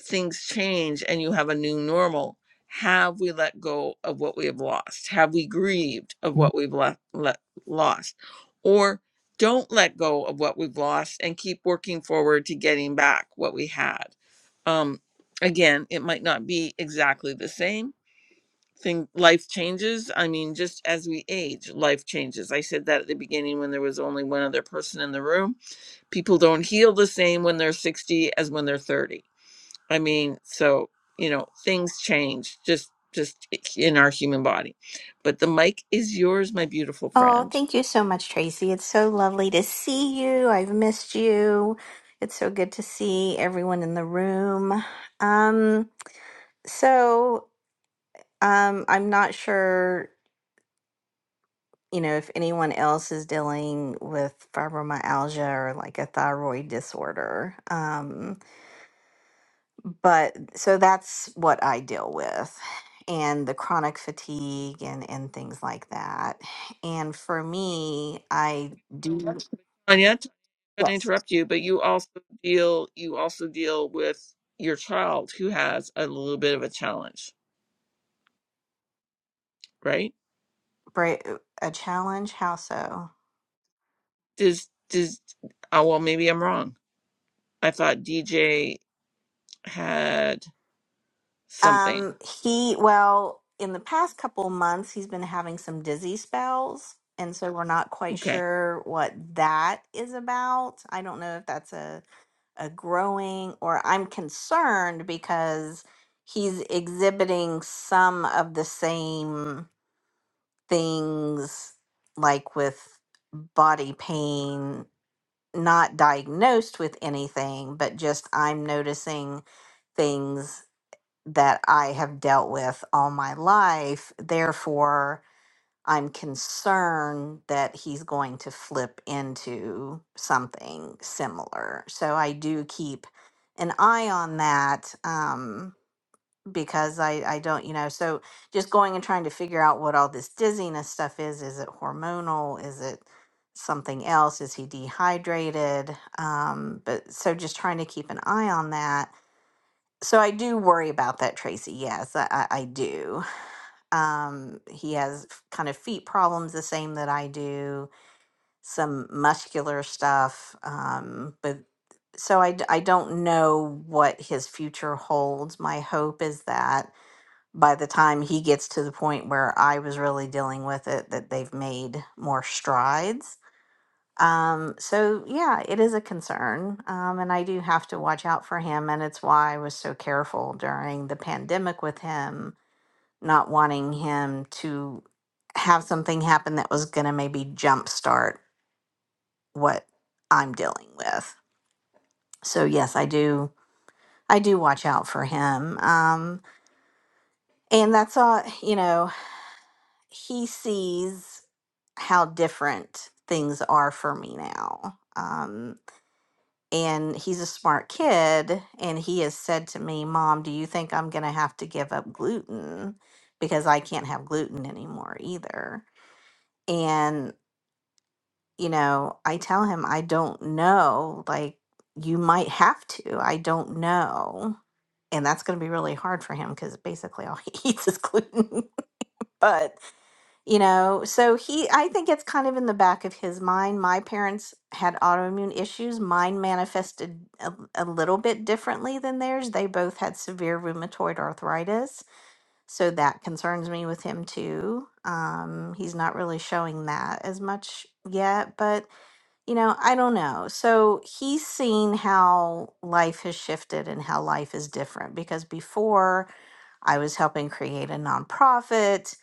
things change and you have a new normal, have we let go of what we have lost? Have we grieved of what we've left, let, lost? Or don't let go of what we've lost and keep working forward to getting back what we had. Um, again, it might not be exactly the same thing life changes i mean just as we age life changes i said that at the beginning when there was only one other person in the room people don't heal the same when they're 60 as when they're 30 I mean, so you know, things change just just in our human body. But the mic is yours, my beautiful
Oh,
friend.
thank you so much, Tracy. It's so lovely to see you. I've missed you. It's so good to see everyone in the room. Um, so um, I'm not sure, you know, if anyone else is dealing with fibromyalgia or like a thyroid disorder. Um, but so that's what I deal with, and the chronic fatigue and and things like that. And for me, I do.
Tanya, Tanya, I'm going to
Yes.
interrupt you, but you also deal you also deal with your child who has a little bit of a challenge, right?
Bra- a challenge? How so?
Does does oh well maybe I'm wrong. I thought DJ had something.
Um, he well, in the past couple months, he's been having some dizzy spells, and so we're not quite
Okay.
sure what that is about. I don't know if that's a a growing or I'm concerned because he's exhibiting some of the same things like with body pain not diagnosed with anything but just I'm noticing things that I have dealt with all my life. Therefore, I'm concerned that he's going to flip into something similar. So I do keep an eye on that um, because I, I don't, you know, so just going and trying to figure out what all this dizziness stuff is. Is it hormonal? Is it something else? Is he dehydrated? Um, but so just trying to keep an eye on that so I do worry about that, Tracy. Yes, I, I, I do. Um, he has f- kind of feet problems, the same that I do, some muscular stuff. Um, but so I, d- I don't know what his future holds. My hope is that by the time he gets to the point where I was really dealing with it, that they've made more strides um, so yeah, it is a concern. Um, and I do have to watch out for him. And it's why I was so careful during the pandemic with him, not wanting him to have something happen that was going to maybe jumpstart what I'm dealing with. So yes, I do. I do watch out for him. Um, and that's all, you know, he sees how different things are for me now. Um, and he's a smart kid and he has said to me mom do you think i'm going to have to give up gluten because i can't have gluten anymore either and you know i tell him i don't know like you might have to i don't know and that's going to be really hard for him because basically all he eats is gluten but you know so he i think it's kind of in the back of his mind my parents had autoimmune issues mine manifested a, a little bit differently than theirs they both had severe rheumatoid arthritis so that concerns me with him too um, he's not really showing that as much yet but you know i don't know so he's seen how life has shifted and how life is different because before I was helping create a nonprofit.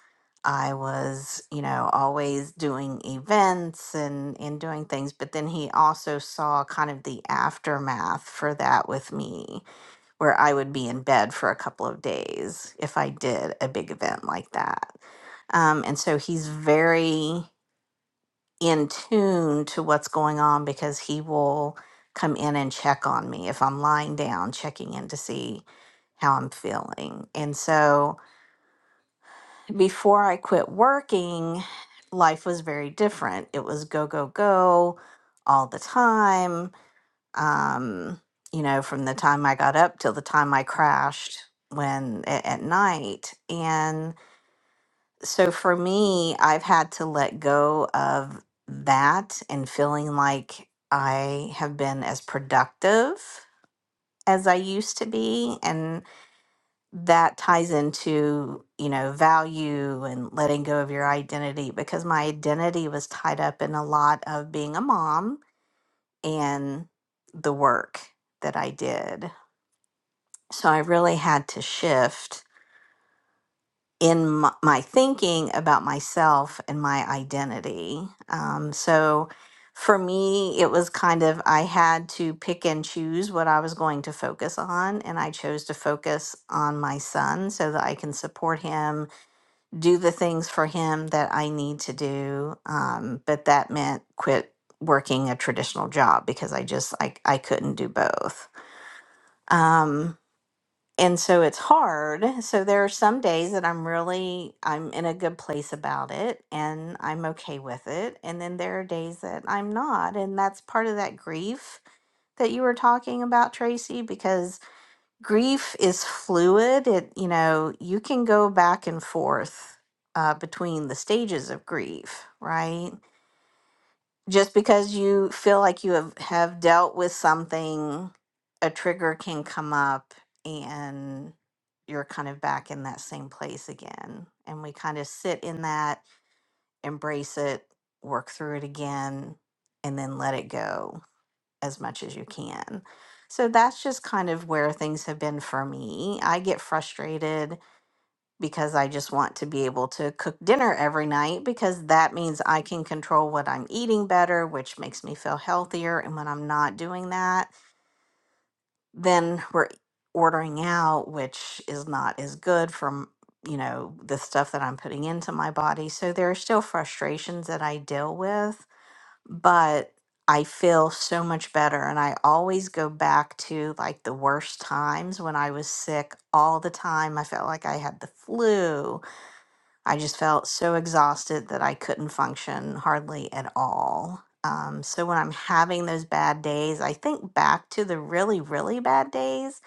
I was, you know, always doing events and, and doing things. But then he also saw kind of the aftermath for that with me, where I would be in bed for a couple of days if I did a big event like that. Um, and so he's very in tune to what's going on because he will come in and check on me if I'm lying down, checking in to see how I'm feeling. And so before I quit working, life was very different. It was go, go, go all the time. Um, you know, from the time I got up till the time I crashed when a- at night. And so for me, I've had to let go of that and feeling like I have been as productive as I used to be that ties into you know value and letting go of your identity because my identity was tied up in a lot of being a mom and the work that I did. So I really had to shift in my, my thinking about myself and my identity. Um, so for me, it was kind of I had to pick and choose what I was going to focus on, and I chose to focus on my son so that I can support him do the things for him that I need to do. Um, but that meant quit working a traditional job because I just I, I couldn't do both. Um, and so it's hard. So there are some days that I'm really I'm in a good place about it and I'm okay with it. And then there are days that I'm not. And that's part of that grief that you were talking about, Tracy, because grief is fluid. It, you know, you can go back and forth uh, between the stages of grief, right? Just because you feel like you have, have dealt with something, a trigger can come up and you're kind of back in that same place again. And we kind of sit in that, embrace it, work through it again, and then let it go as much as you can. So that's just kind of where things have been for me. I get frustrated because I just want to be able to cook dinner every night because that means I can control what I'm eating better, which makes me feel healthier. And when I'm not doing that, then we're e, ordering out, which is not as good from you know the stuff that I'm putting into my body. So there are still frustrations that I deal with but I feel so much better. And I always go back to like the worst times when I was sick all the time. I felt like I had the flu. I just felt so exhausted that I couldn't function hardly at all. Um, so when I'm having those bad days, I think back to the really, really bad days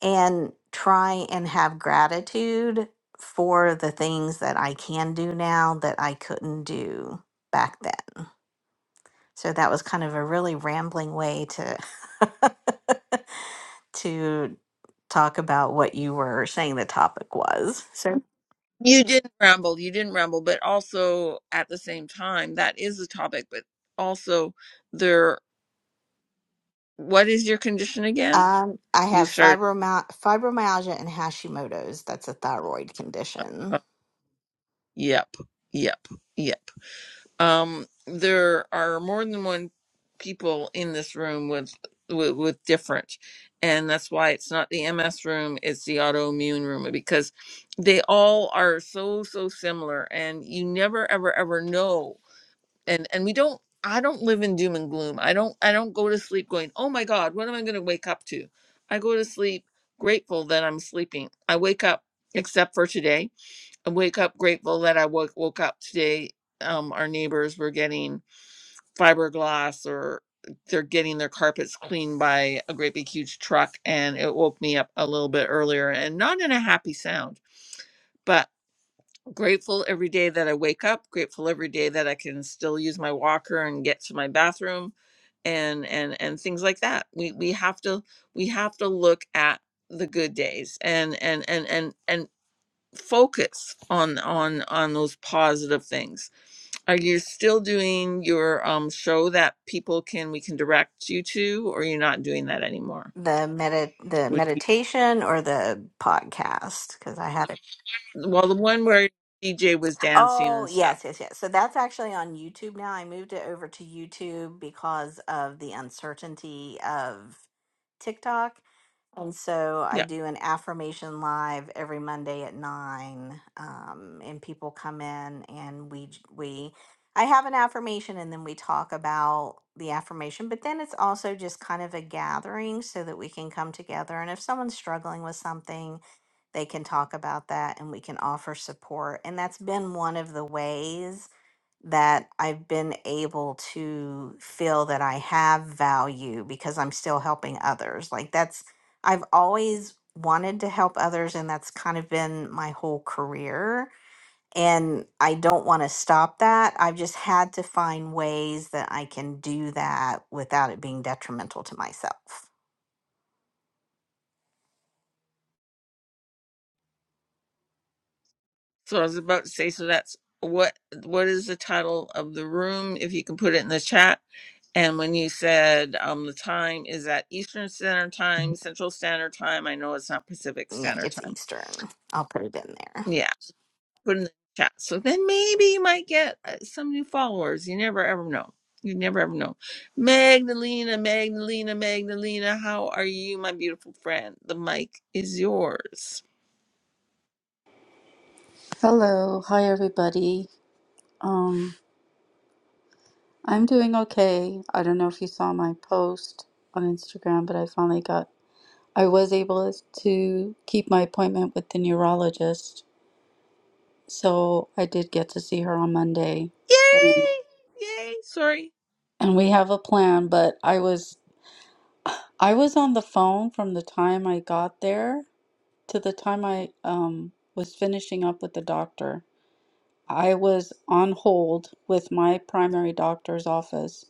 and try and have gratitude for the things that I can do now that I couldn't do back then. So that was kind of a really rambling way to to talk about what you were saying the topic was.
You didn't ramble, you didn't ramble, but also at the same time, that is the topic, but also there what is your condition again?
Um, I
You
have
started
fibromyalgia, fibromyalgia and Hashimoto's. That's a thyroid
uh,
condition.
yep, yep, yep. Um, there are more than one people in this room with, with with different, and that's why it's not the MS room; it's the autoimmune room because they all are so so similar, and you never ever ever know. And and we don't. I don't live in doom and gloom. I don't. I don't go to sleep going, "Oh my God, what am I going to wake up to?" I go to sleep grateful that I'm sleeping. I wake up, except for today. I wake up grateful that I woke woke up today. Um, our neighbors were getting fiberglass or they're getting their carpets cleaned by a great big huge truck and it woke me up a little bit earlier and not in a happy sound, but grateful every day that I wake up, grateful every day that I can still use my walker and get to my bathroom and and and things like that. We we have to we have to look at the good days and and and and and, focus on on on those positive things are you still doing your um show that people can we can direct you to or you're not doing that anymore
The medi- the
Would you-
meditation or the podcast because I had it.
well the one where dj was dancing
Oh,
and stuff
yes, yes, yes. So that's actually on YouTube now. I moved it over to YouTube because of the uncertainty of TikTok. And so I
yeah
do an affirmation live every Monday at nine, um, and people come in and we j- we I have an affirmation and then we talk about the affirmation. But then it's also just kind of a gathering so that we can come together. And if someone's struggling with something, they can talk about that and we can offer support. And that's been one of the ways that I've been able to feel that I have value because I'm still helping others. Like that's, I've always wanted to help others, and that's kind of been my whole career. And I don't want to stop that. I've just had to find ways that I can do that without it being detrimental to myself.
so i was about to say so that's what what is the title of the room if you can put it in the chat and when you said um the time is at eastern standard time central standard time i know it's not pacific
Yeah,
standard
it's
time
Eastern. I'll put it in there.
Yeah. put in the chat. So then maybe you might get uh, some new followers. You never ever know. You never ever know. Magdalena, Magdalena, Magdalena, how are you, my beautiful friend? The mic is yours.
Hello, hi everybody. Um, I'm doing okay. I don't know if you saw my post on Instagram, but I finally got, I was able to keep my appointment with the neurologist. So I did get to see her on Monday. Um,
Yay! Yay! Sorry.
And we have a plan, but I was, I was on the phone from the time I got there to the time I um, was finishing up with the doctor. I was on hold with my primary doctor's office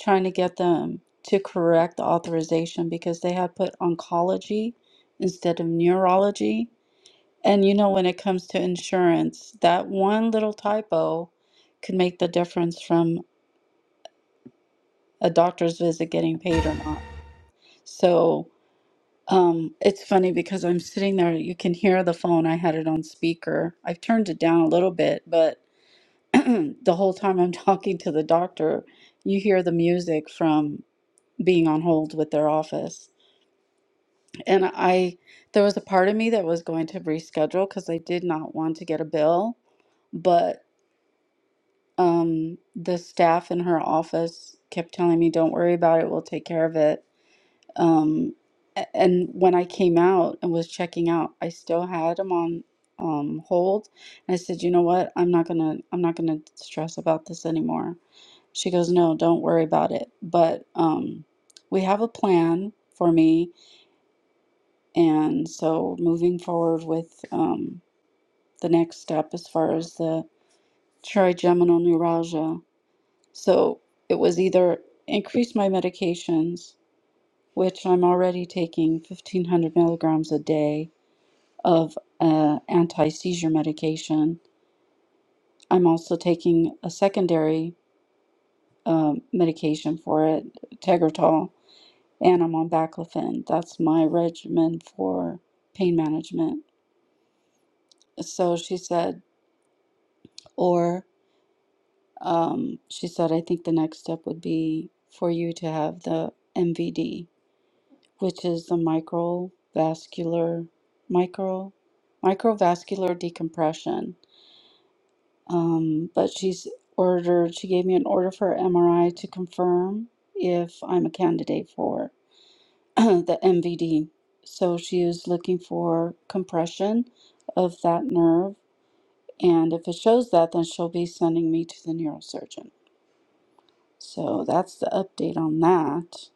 trying to get them to correct the authorization because they had put oncology instead of neurology. And you know, when it comes to insurance, that one little typo could make the difference from a doctor's visit getting paid or not. So um, it's funny because I'm sitting there, you can hear the phone. I had it on speaker. I've turned it down a little bit, but the whole time I'm talking to the doctor, you hear the music from being on hold with their office And I, there was a part of me that was going to reschedule because I did not want to get a bill, but um, the staff in her office kept telling me, "Don't worry about it. We'll take care of it." Um, a- and when I came out and was checking out, I still had them on um, hold, and I said, "You know what? I'm not gonna, I'm not gonna stress about this anymore." She goes, No, don't worry about it. But um, we have a plan for me. And so moving forward with um, the next step as far as the trigeminal neuralgia. So it was either increase my medications, which I'm already taking 1500 milligrams a day of uh, anti seizure medication. I'm also taking a secondary um, medication for it, Tegretol, and I'm on baclofen. That's my regimen for pain management. So she said, or Um, she said, I think the next step would be for you to have the MVD, which is the microvascular, micro, microvascular decompression. Um, but she's ordered, she gave me an order for MRI to confirm if I'm a candidate for the MVD. So she is looking for compression of that nerve. And if it shows that, then she'll be sending me to the neurosurgeon. So that's the update on that.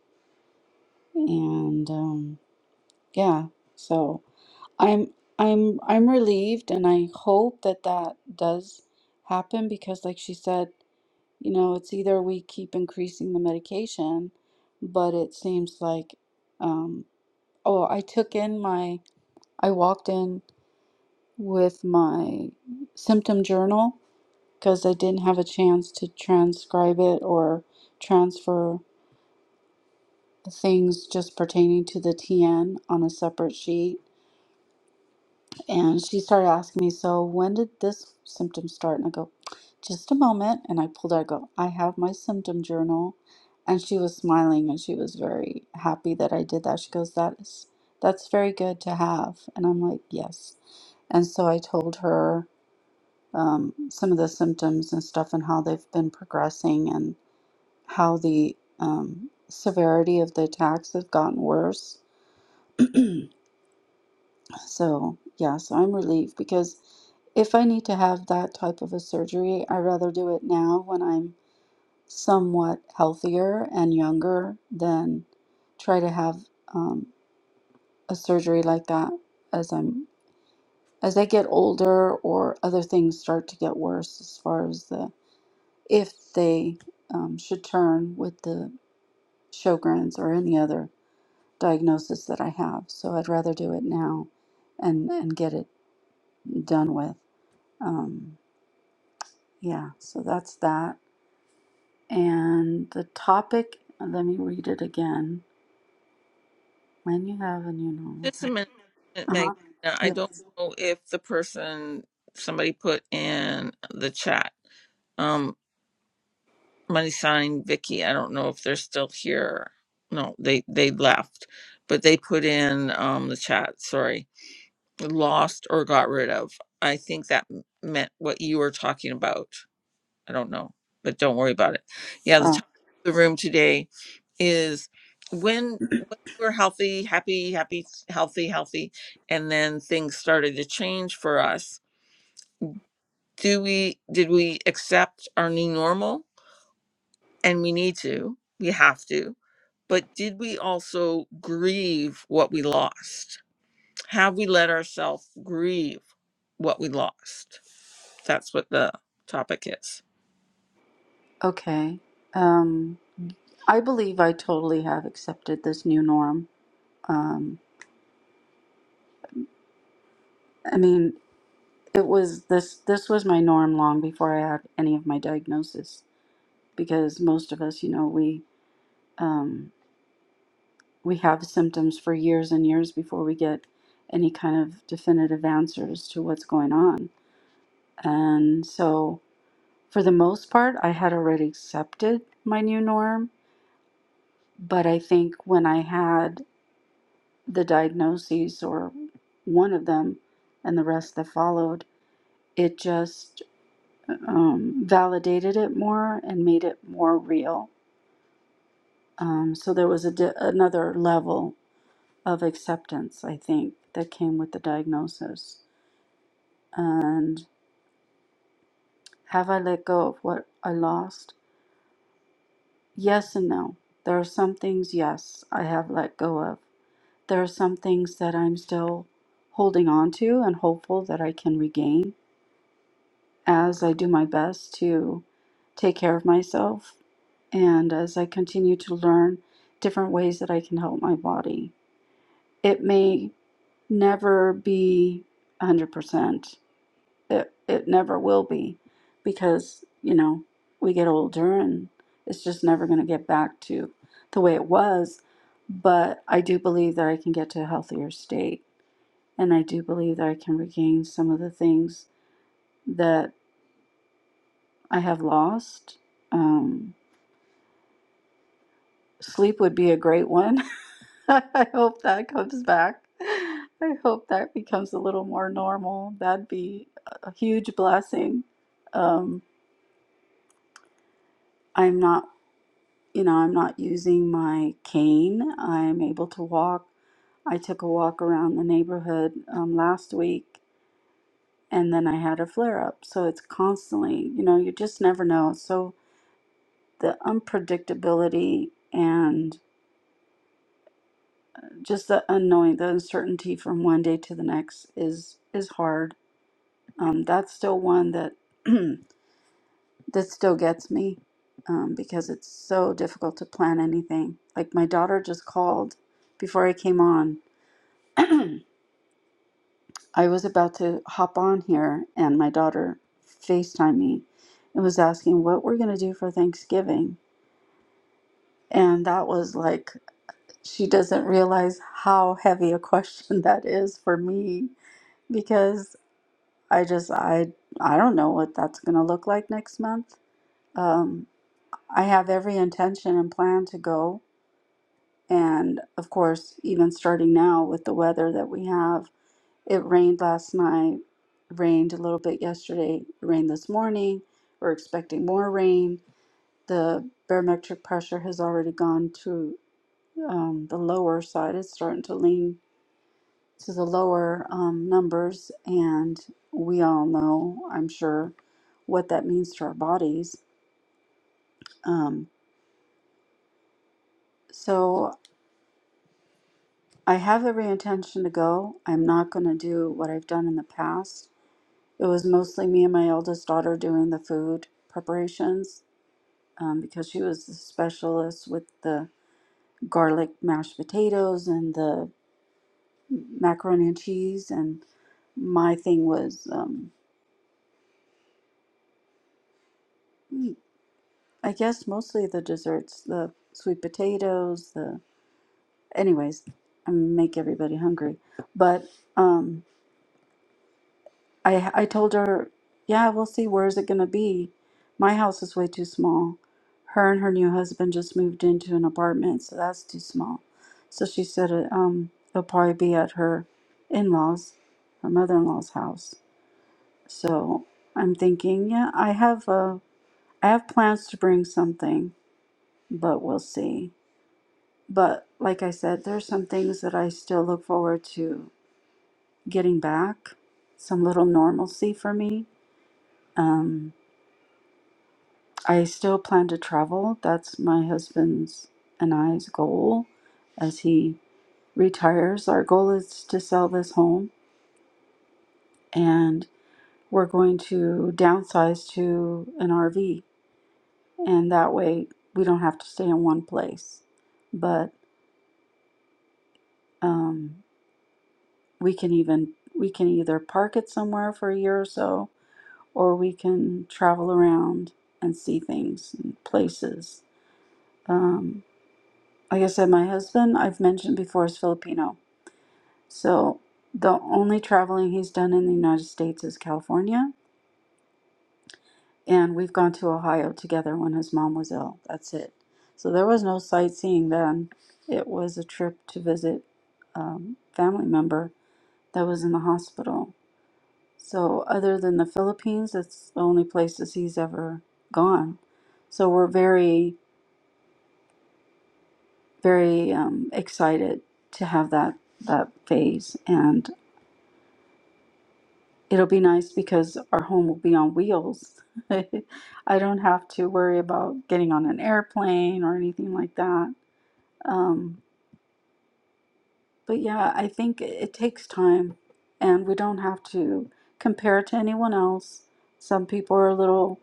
And um, yeah, so I'm I'm I'm relieved, and I hope that that does happen because, like she said, you know, it's either we keep increasing the medication, but it seems like, um, oh, I took in my I walked in with my symptom journal because I didn't have a chance to transcribe it or transfer. things just pertaining to the TN on a separate sheet. And she started asking me, So when did this symptom start? And I go, Just a moment. And I pulled out, I go, I have my symptom journal. And she was smiling and she was very happy that I did that. She goes, That is that's very good to have. And I'm like, Yes. And so I told her um, some of the symptoms and stuff and how they've been progressing and how the um, severity of the attacks have gotten worse So, yeah, so I'm relieved because if I need to have that type of a surgery, I'd rather do it now when I'm somewhat healthier and younger than try to have um, a surgery like that as I'm as I get older or other things start to get worse as far as the if they um, should turn with the Sjogren's or any other diagnosis that I have. So I'd rather do it now and and get it done with. Um, Yeah, so that's that. And the topic, let me read it again. When you have a new normal.
Just a minute,
Uh-huh.
Magdalena. I don't
Yes.
know if the person somebody put in the chat. Um, money sign Vicky. I don't know if they're still here. No, they they left, but they put in um the chat. Sorry lost or got rid of. I think that m- meant what you were talking about. I don't know, but don't worry about it. Yeah, the
Oh,
topic of the room today is when, when we were healthy, happy, happy, healthy, healthy, and then things started to change for us. Do we did we accept our new normal? And we need to, we have to. But did we also grieve what we lost? Have we let ourselves grieve what we lost? That's what the topic is.
okay. Um, I believe I totally have accepted this new norm. Um, I mean, it was this this was my norm long before I had any of my diagnosis because most of us, you know, we um, we have symptoms for years and years before we get any kind of definitive answers to what's going on. And so, for the most part, I had already accepted my new norm. But I think when I had the diagnoses or one of them and the rest that followed, it just um, validated it more and made it more real. Um, so, there was a di- another level of acceptance, I think, that came with the diagnosis. And have I let go of what I lost? Yes and no. There are some things, yes, I have let go of. There are some things that I'm still holding on to and hopeful that I can regain as I do my best to take care of myself and as I continue to learn different ways that I can help my body. It may never be 100% it it never will be because you know we get older and it's just never going to get back to the way it was but i do believe that i can get to a healthier state and i do believe that i can regain some of the things that i have lost um, sleep would be a great one i hope that comes back i hope that becomes a little more normal that'd be a huge blessing um, i'm not you know, I'm not using my cane. I'm able to walk. I took a walk around the neighborhood um, last week and then I had a flare up. So it's constantly, you know, you just never know. So the unpredictability and just the unknowing, the uncertainty from one day to the next is is hard. Um, that's still one that that still gets me um, because it's so difficult to plan anything. Like my daughter just called before I came on I was about to hop on here, and my daughter FaceTimed me and was asking what we're going to do for Thanksgiving. And that was like, she doesn't realize how heavy a question that is for me because I just, I, I don't know what that's going to look like next month. Um, I have every intention and plan to go. And of course, even starting now with the weather that we have. It rained last night, rained a little bit yesterday, it rained this morning. We're expecting more rain. The barometric pressure has already gone to um, the lower side. It's starting to lean to the lower um, numbers, and we all know, I'm sure, what that means to our bodies. Um, so I have every intention to go. I'm not going to do what I've done in the past. It was mostly me and my eldest daughter doing the food preparations um, because she was the specialist with the garlic mashed potatoes and the macaroni and cheese. And my thing was, um, I guess, mostly the desserts, the sweet potatoes, the. Anyways, I make everybody hungry. But um, I I told her, yeah, we'll see. Where is it going to be? My house is way too small. Her and her new husband just moved into an apartment, so that's too small. So she said, uh, um, it'll probably be at her in-laws, her mother-in-law's house. So I'm thinking, yeah, I have uh, I have plans to bring something, but we'll see. But like I said, there's some things that I still look forward to getting back, some little normalcy for me. Um, I still plan to travel. That's my husband's and I's goal as he retires. Our goal is to sell this home and we're going to downsize to an RV. And that way we don't have to stay in one place. But um, we can even, we can either park it somewhere for a year or so, or we can travel around and see things and places. Um, like I said, my husband, I've mentioned before, is Filipino So the only traveling he's done in the United States is California, and we've gone to Ohio together when his mom was ill. That's it. So there was no sightseeing then. It was a trip to visit um, family member that was in the hospital. So other than the Philippines, that's the only places he's ever gone. So we're very, very um, excited to have that that phase, and. It'll be nice because our home will be on wheels. I don't have to worry about getting on an airplane or anything like that. Um, but yeah, I think it it takes time and we don't have to compare it to anyone else. Some people are a little,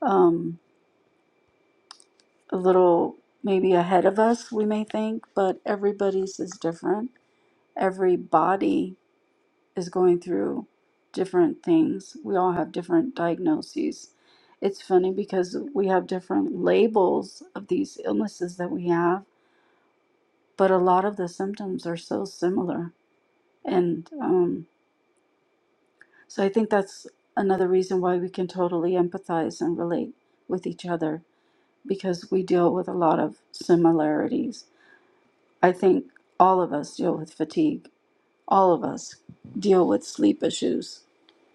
um, a little maybe ahead of us, we may think, but everybody's is different. Every body is going through different things. We all have different diagnoses. It's funny because we have different labels of these illnesses that we have, but a lot of the symptoms are so similar. And um, so I think that's another reason why we can totally empathize and relate with each other because we deal with a lot of similarities. I think all of us deal with fatigue, all of us deal with sleep issues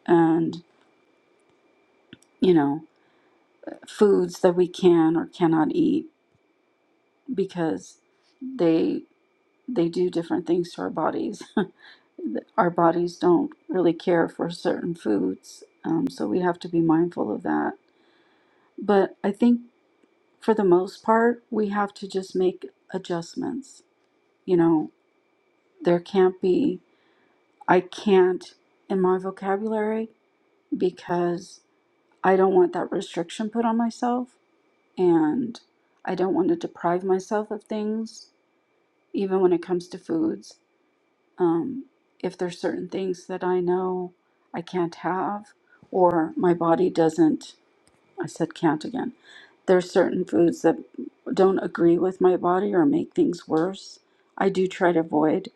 and, you know, foods that we can or cannot eat because they they do different things to our bodies. our bodies don't really care for certain foods, um, so we have to be mindful of that. But I think for the most part, we have to just make adjustments. You know, there can't be I can't in my vocabulary because I don't want that restriction put on myself and I don't want to deprive myself of things even when it comes to foods. Um, if there's certain things that I know I can't have, or my body doesn't, I said can't again. There's certain foods that don't agree with my body or make things worse. I do try to avoid,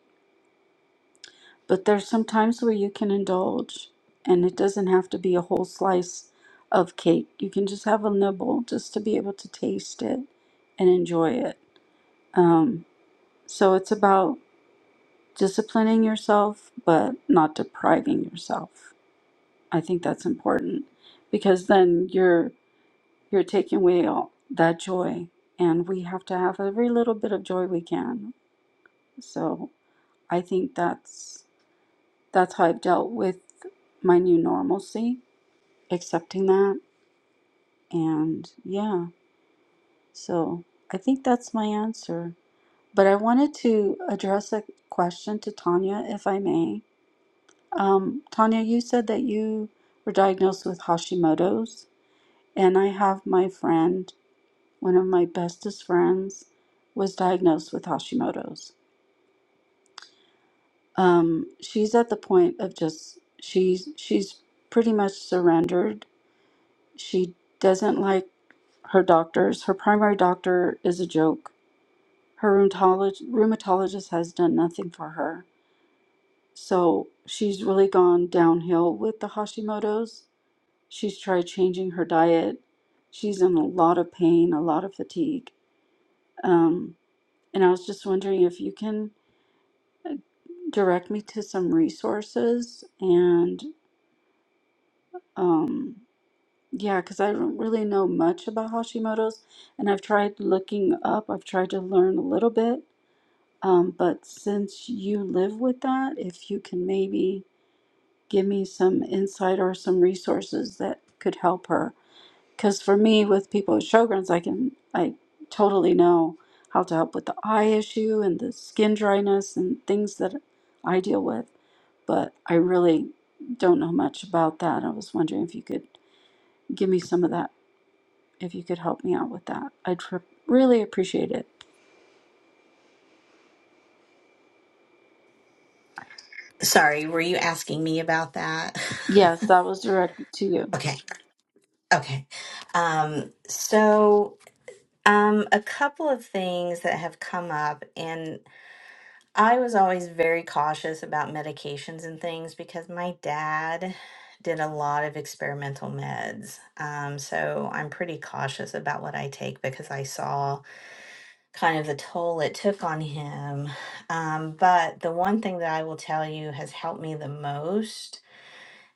but there's some times where you can indulge, and it doesn't have to be a whole slice of cake. You can just have a nibble just to be able to taste it and enjoy it. Um, so it's about disciplining yourself, but not depriving yourself. I think that's important because then you're you're taking away all that joy, and we have to have every little bit of joy we can. So I think that's that's how I've dealt with my new normalcy, accepting that, and yeah. So I think that's my answer. But I wanted to address a question to Tanya, if I may. Um, Tanya, you said that you were diagnosed with Hashimoto's, and I have my friend, one of my bestest friends, was diagnosed with Hashimoto's. Um, she's at the point of just she's she's pretty much surrendered. She doesn't like her doctors. Her primary doctor is a joke. Her rheumatolog- rheumatologist has done nothing for her. So she's really gone downhill with the Hashimoto's She's tried changing her diet. She's in a lot of pain, a lot of fatigue. Um, and I was just wondering if you can direct me to some resources and um, yeah, because I don't really know much about Hashimoto's and I've tried looking up, I've tried to learn a little bit. Um, but since you live with that, if you can maybe give me some insight or some resources that could help her. Because for me, with people with Sjogren's, I can I totally know how to help with the eye issue and the skin dryness and things that I deal with. But I really don't know much about that. I was wondering if you could give me some of that, if you could help me out with that. I'd tr- really appreciate it.
Sorry, were you asking me about that?
Yes, that was directed to you.
okay, okay. Um, so, um, a couple of things that have come up, and I was always very cautious about medications and things because my dad did a lot of experimental meds. Um, so, I'm pretty cautious about what I take because I saw kind of the toll it took on him. Um, but the one thing that I will tell you has helped me the most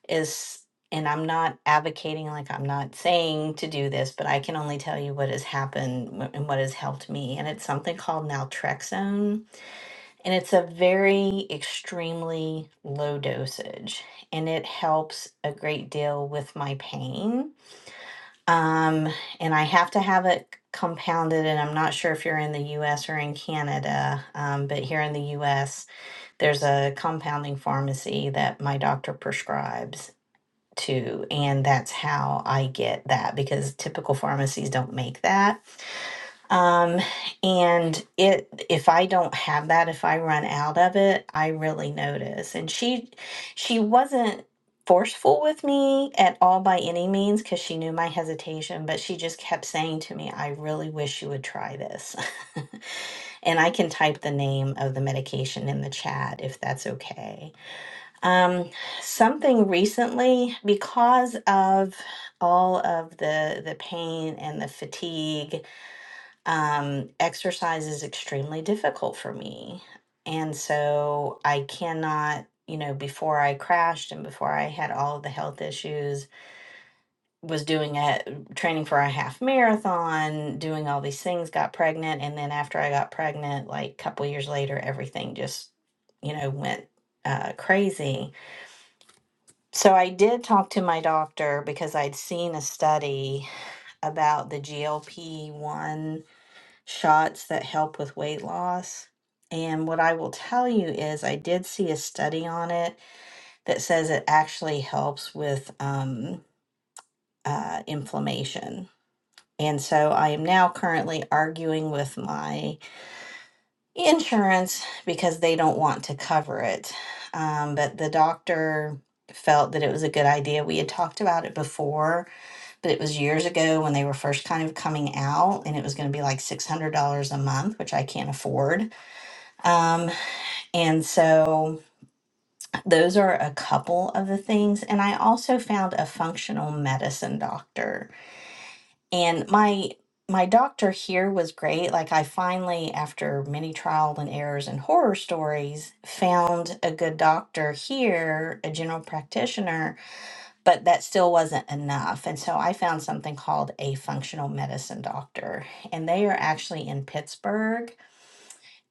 is and I'm not advocating like I'm not saying to do this, but I can only tell you what has happened wh- and what has helped me. And it's something called naltrexone, and it's a very extremely low dosage, and it helps a great deal with my pain. Um, and I have to have it compounded, and I'm not sure if you're in the U.S. or in Canada, um, but here in the U.S., there's a compounding pharmacy that my doctor prescribes too. And that's how I get that because typical pharmacies don't make that. Um, and it if I don't have that, if I run out of it, I really notice. And she she wasn't forceful with me at all by any means because she knew my hesitation, but she just kept saying to me, I really wish you would try this. and I can type the name of the medication in the chat if that's okay um, something recently because of all of the the pain and the fatigue um, exercise is extremely difficult for me and so i cannot you know before i crashed and before i had all of the health issues was doing a training for a half marathon doing all these things got pregnant and then after i got pregnant like a couple years later everything just you know went uh, crazy so I did talk to my doctor because I'd seen a study about the GLP-1 shots that help with weight loss. And what I will tell you is I did see a study on it that says it actually helps with um, uh, inflammation. And so I am now currently arguing with my insurance because they don't want to cover it. Um, but the doctor felt that it was a good idea. We had talked about it before but it was years ago when they were first kind of coming out and it was going to be like $600 a month which i can't afford um, and so those are a couple of the things and i also found a functional medicine doctor and my my doctor here was great like i finally after many trial and errors and horror stories found a good doctor here a general practitioner but that still wasn't enough. And so I found something called a functional medicine doctor, and they are actually in Pittsburgh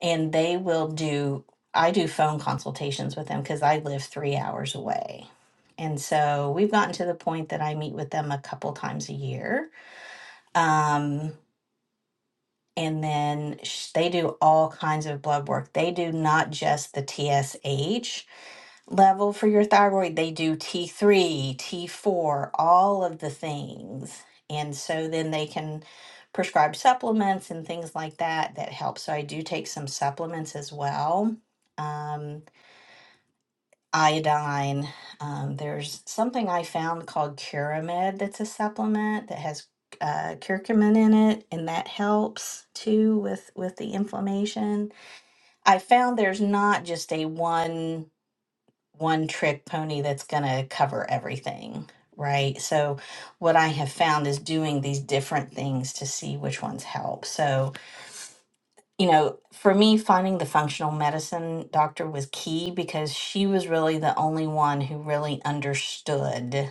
and they will do, I do phone consultations with them because I live three hours away. And so we've gotten to the point that I meet with them a couple times a year. Um, and then sh- they do all kinds of blood work. They do not just the TSH, level for your thyroid. They do T3, T4, all of the things. And so then they can prescribe supplements and things like that that help. So I do take some supplements as well. Um, iodine. Um, there's something I found called Curamed that's a supplement that has uh, curcumin in it, and that helps too with with the inflammation. I found there's not just a one one trick pony that's going to cover everything, right? So, what I have found is doing these different things to see which ones help. So, you know, for me, finding the functional medicine doctor was key because she was really the only one who really understood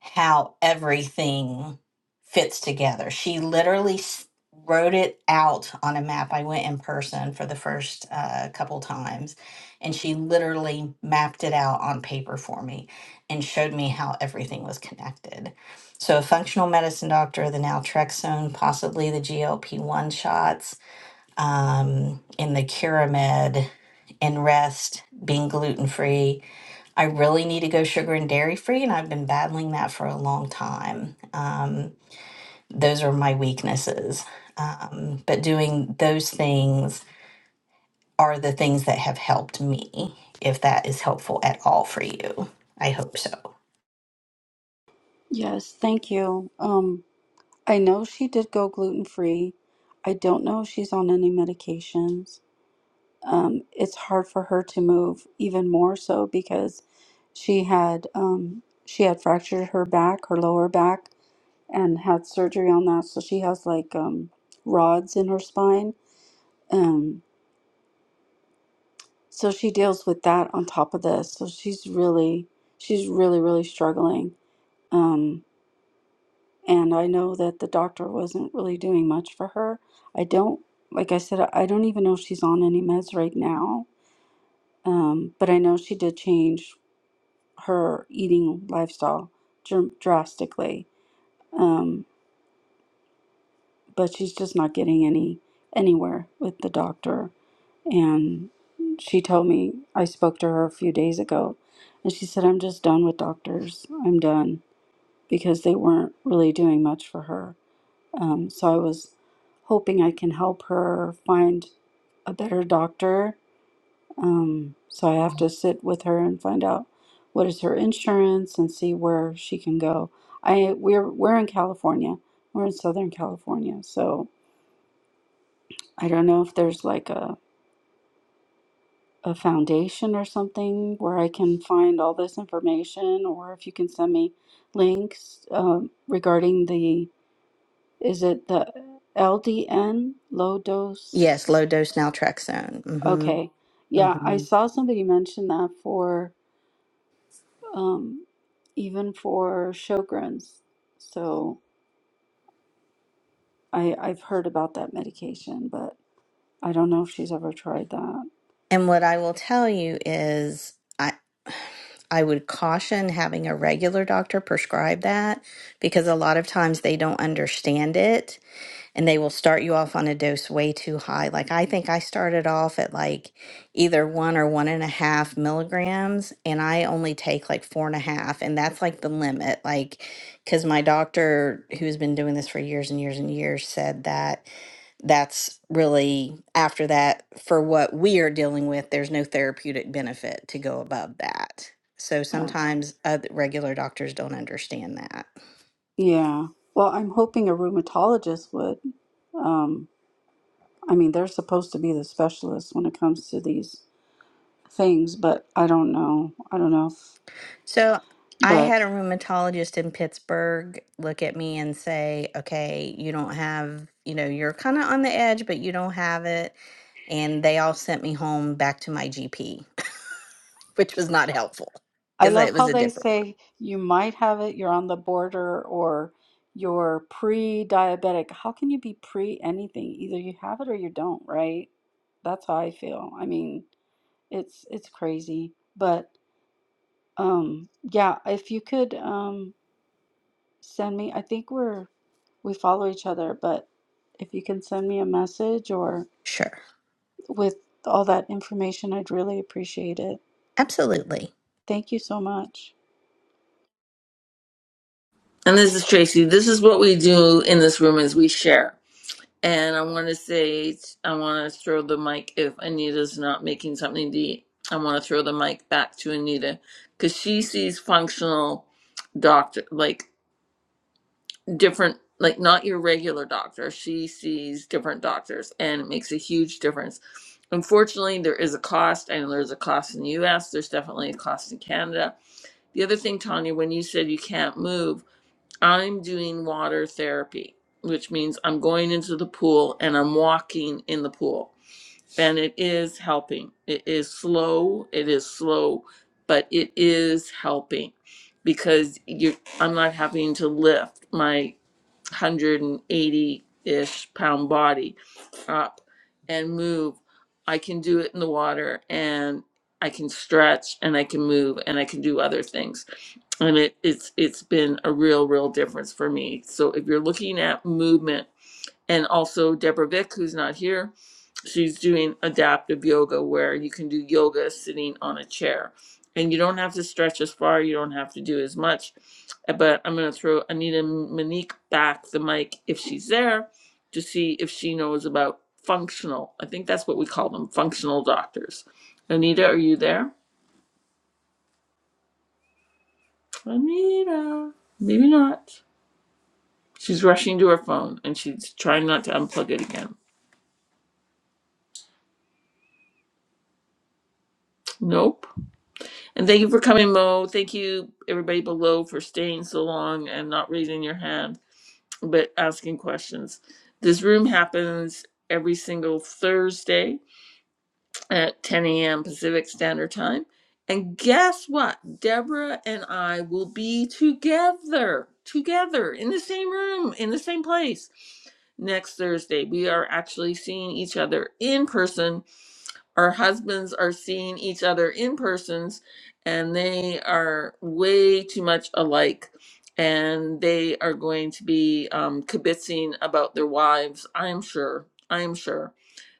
how everything fits together. She literally s- wrote it out on a map. I went in person for the first uh, couple times, and she literally mapped it out on paper for me and showed me how everything was connected. So, a functional medicine doctor, the naltrexone, possibly the GLP 1 shots, um, in the Curamed, in rest, being gluten free I really need to go sugar and dairy free, and I've been battling that for a long time. Um, those are my weaknesses. Um, but doing those things are the things that have helped me, if that is helpful at all for you. I hope so.
Yes, thank you. Um, I know she did go gluten free. I don't know if she's on any medications. um, it's hard for her to move even more so because she had um, she had fractured her back, her lower back, and had surgery on that. So she has like um, rods in her spine. Um, so she deals with that on top of this. So she's really she's really really struggling. Um, and I know that the doctor wasn't really doing much for her. I don't like I said I don't even know if she's on any meds right now. Um, but I know she did change. her eating lifestyle dr- drastically. Um, but she's just not getting any anywhere with the doctor. And she told me I spoke to her a few days ago, and she said I'm just done with doctors. I'm done because they weren't really doing much for her. Um, so I was hoping I can help her find a better doctor Um, so I have to sit with her and find out what is her insurance and see where she can go. I we're we're in California. We're in Southern California, so I don't know if there's like a a foundation or something where I can find all this information, or if you can send me links um, regarding the is it the LDN low dose?
Yes, low dose naltrexone. hmm
Okay, yeah, I
hmm
saw somebody mention that for. um, even for Sjogren's. So I I've heard about that medication, but I don't know if she's ever tried that.
And what I will tell you is, I I would caution having a regular doctor prescribe that because a lot of times they don't understand it and they will start you off on a dose way too high. Like I think I started off at like either one or one and a half milligrams, and I only take like four and a half, and that's like the limit. Like, because my doctor, who's been doing this for years and years and years, said that that's really after that for what we are dealing with there's no therapeutic benefit to go above that so
Uh,
sometimes uh, regular doctors don't understand that
yeah. Well, I'm hoping a rheumatologist would. Um, I mean, they're supposed to be the specialists when it comes to these things, but I don't know. I don't know if.
So I
But
had a rheumatologist in Pittsburgh look at me and say, okay, you don't have, you know, you're kind of on the edge, but you don't have it. And they all sent me home back to my GP, which was not helpful
I
because
love
it was
how
a
they
different one.
say you might have it, you're on the border, or you're pre-diabetic. How can you be pre anything? Either you have it or you don't, right? That's how I feel. I mean, it's it's crazy. But um yeah, if you could um send me, I think we're we follow each other, but if you can send me a message or
Sure.
with all that information, I'd really appreciate it.
Absolutely.
Thank you so much.
And this is Tracy. This is what we do in this room is we share. And I want to say, I want to throw the mic if Anita's not making something to eat. I want to throw the mic back to Anita because she sees functional doctor, like different, like not your regular doctor. She sees different doctors and it makes a huge difference. Unfortunately, there is a cost. I know there's a cost in the US. There's definitely a cost in Canada. The other thing, Tanya, when you said you can't move, I'm doing water therapy, which means I'm going into the pool and I'm walking in the pool. And it is helping. It is slow, it is slow, but it is helping because you I'm not having to lift. My 180 ish pound body up and move. I can do it in the water and I can stretch and I can move and I can do other things. And it, it's it's been a real, real difference for me. So if you're looking at movement and also Deborah Vick, who's not here. She's doing adaptive yoga where you can do yoga sitting on a chair. And you don't have to stretch as far, you don't have to do as much. But I'm going to throw Anita Monique back the mic if she's there to see if she knows about functional. I think that's what we call them functional doctors. Anita, are you there? Anita, maybe not. She's rushing to her phone and she's trying not to unplug it again. Nope. And thank you for coming, Mo. Thank you, everybody below, for staying so long and not raising your hand, but asking questions. This room happens every single Thursday at 10 a.m. Pacific Standard Time. And guess what? Deborah and I will be together, together in the same room, in the same place next Thursday. We are actually seeing each other in person our husbands are seeing each other in persons and they are way too much alike and they are going to be um, kibitzing about their wives i'm sure i'm sure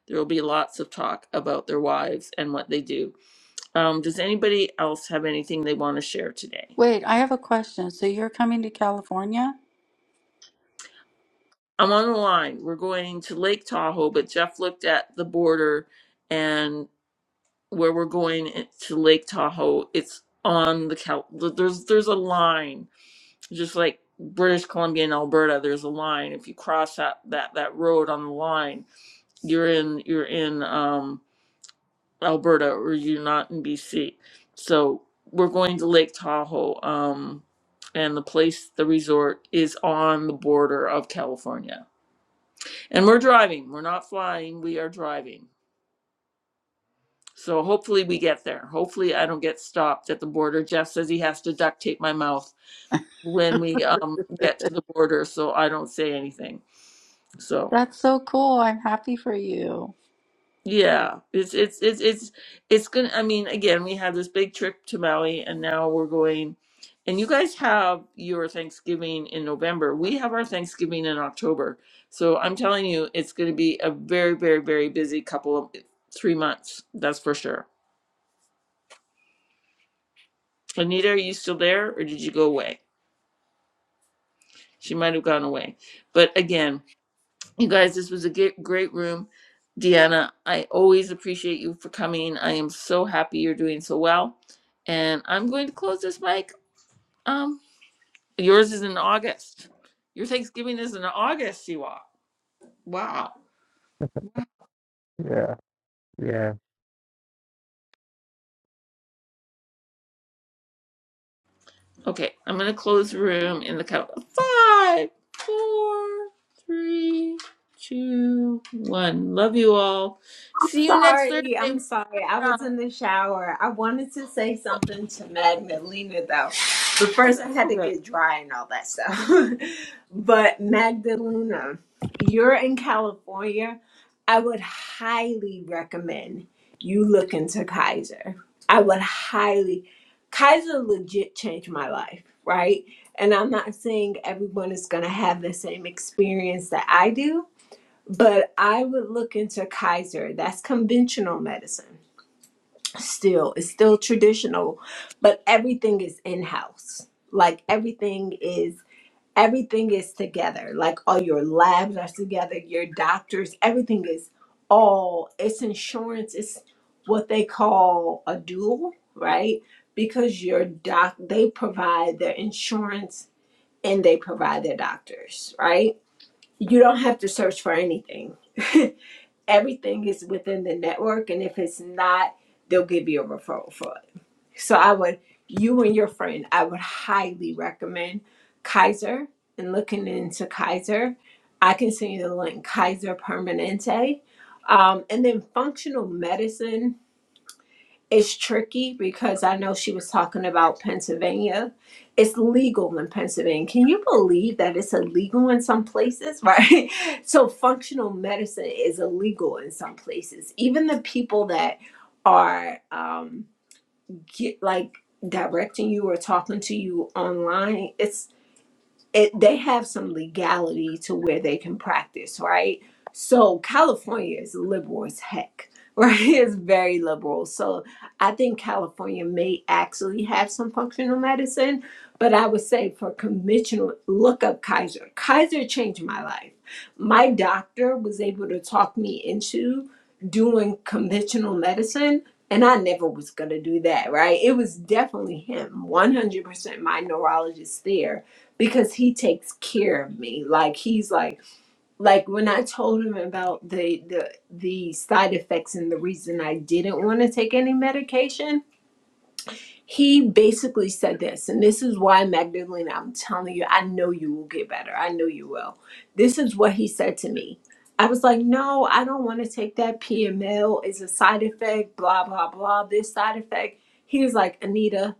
there will be lots of talk about their wives and what they do um, does anybody else have anything they want to share today
Wait, I have a question. So you're coming to California?
i'm on the line we're going to lake tahoe but jeff looked at the border and. where we're going in- to Lake Tahoe, it's on the Cal. There's there's a line, just like British Columbia and Alberta. There's a line. If you cross that that that road on the line, you're in you're in um, Alberta or you're not in BC. So we're going to Lake Tahoe, um, and the place, the resort, is on the border of California. And we're driving. We're not flying. We are driving. So hopefully we get there. Hopefully I don't get stopped at the border. Jeff says he has to duct tape my mouth when we um get to the border so I don't say anything. So
That's so cool. I'm happy for you.
yeah, it's it's it's it's it's gonna I mean, again, we had this big trip to Maui and now we're going and you guys have your Thanksgiving in November. We have our Thanksgiving in October. So I'm telling you, it's gonna be a very, very, very busy couple of three months. That's for sure. Anita, are you still there or did you go away? She might have gone away. But again, you guys, this was a great room. Deanna, I always appreciate you for coming. I am so happy you're doing so well. And I'm going to close this mic. Um, yours is in August. Your Thanksgiving is in August, Siwa. Wow.
Yeah, yeah.
Okay, I'm going to close the room in the count of five, four, three, two, one. Love you all.
I'm
See you next
Sorry, I'm
Thursday.
sorry. I was
Uh,
in the shower. I wanted to say something to Magdalena though, but first I had to
Okay.
get dry and all that stuff. but Magdalena, you're in California. I would highly recommend you look into Kaiser. I would highly, Kaiser legit changed my life, right? And I'm not saying everyone is going to have the same experience that I do, but I would look into Kaiser. That's conventional medicine. Still, it's still traditional, but everything is in house. Like everything is everything is together. Like all your labs are together, your doctors, everything is all it's insurance. It's what they call a dual, right? Because your doc they provide their insurance and they provide their doctors, right? You don't have to search for anything. everything is within the network and if it's not they'll give you a referral for it so i would you and your friend i would highly recommend kaiser and looking into kaiser i can send you the link kaiser permanente um, and then functional medicine it's tricky because I know she was talking about Pennsylvania. It's legal in Pennsylvania. Can you believe that it's illegal in some places, right? So functional medicine is illegal in some places. Even the people that are um, get, like directing you or talking to you online, it, they have some legality to where they can practice, right? So California is liberal as heck, right? It's very liberal. So I think California may actually have some functional medicine, but I would say for conventional, look up Kaiser. Kaiser changed my life. My doctor was able to talk me into doing conventional medicine. And I never was gonna do that, right? It was definitely him, 100% my neurologist there because he takes care of me like he's like like when i told him about the the the side effects and the reason i didn't want to take any medication he basically said this and this is why magdalena i'm telling you i know you will get better i know you will this is what he said to me i was like no i don't want to take that pml it's a side effect blah blah blah this side effect he was like anita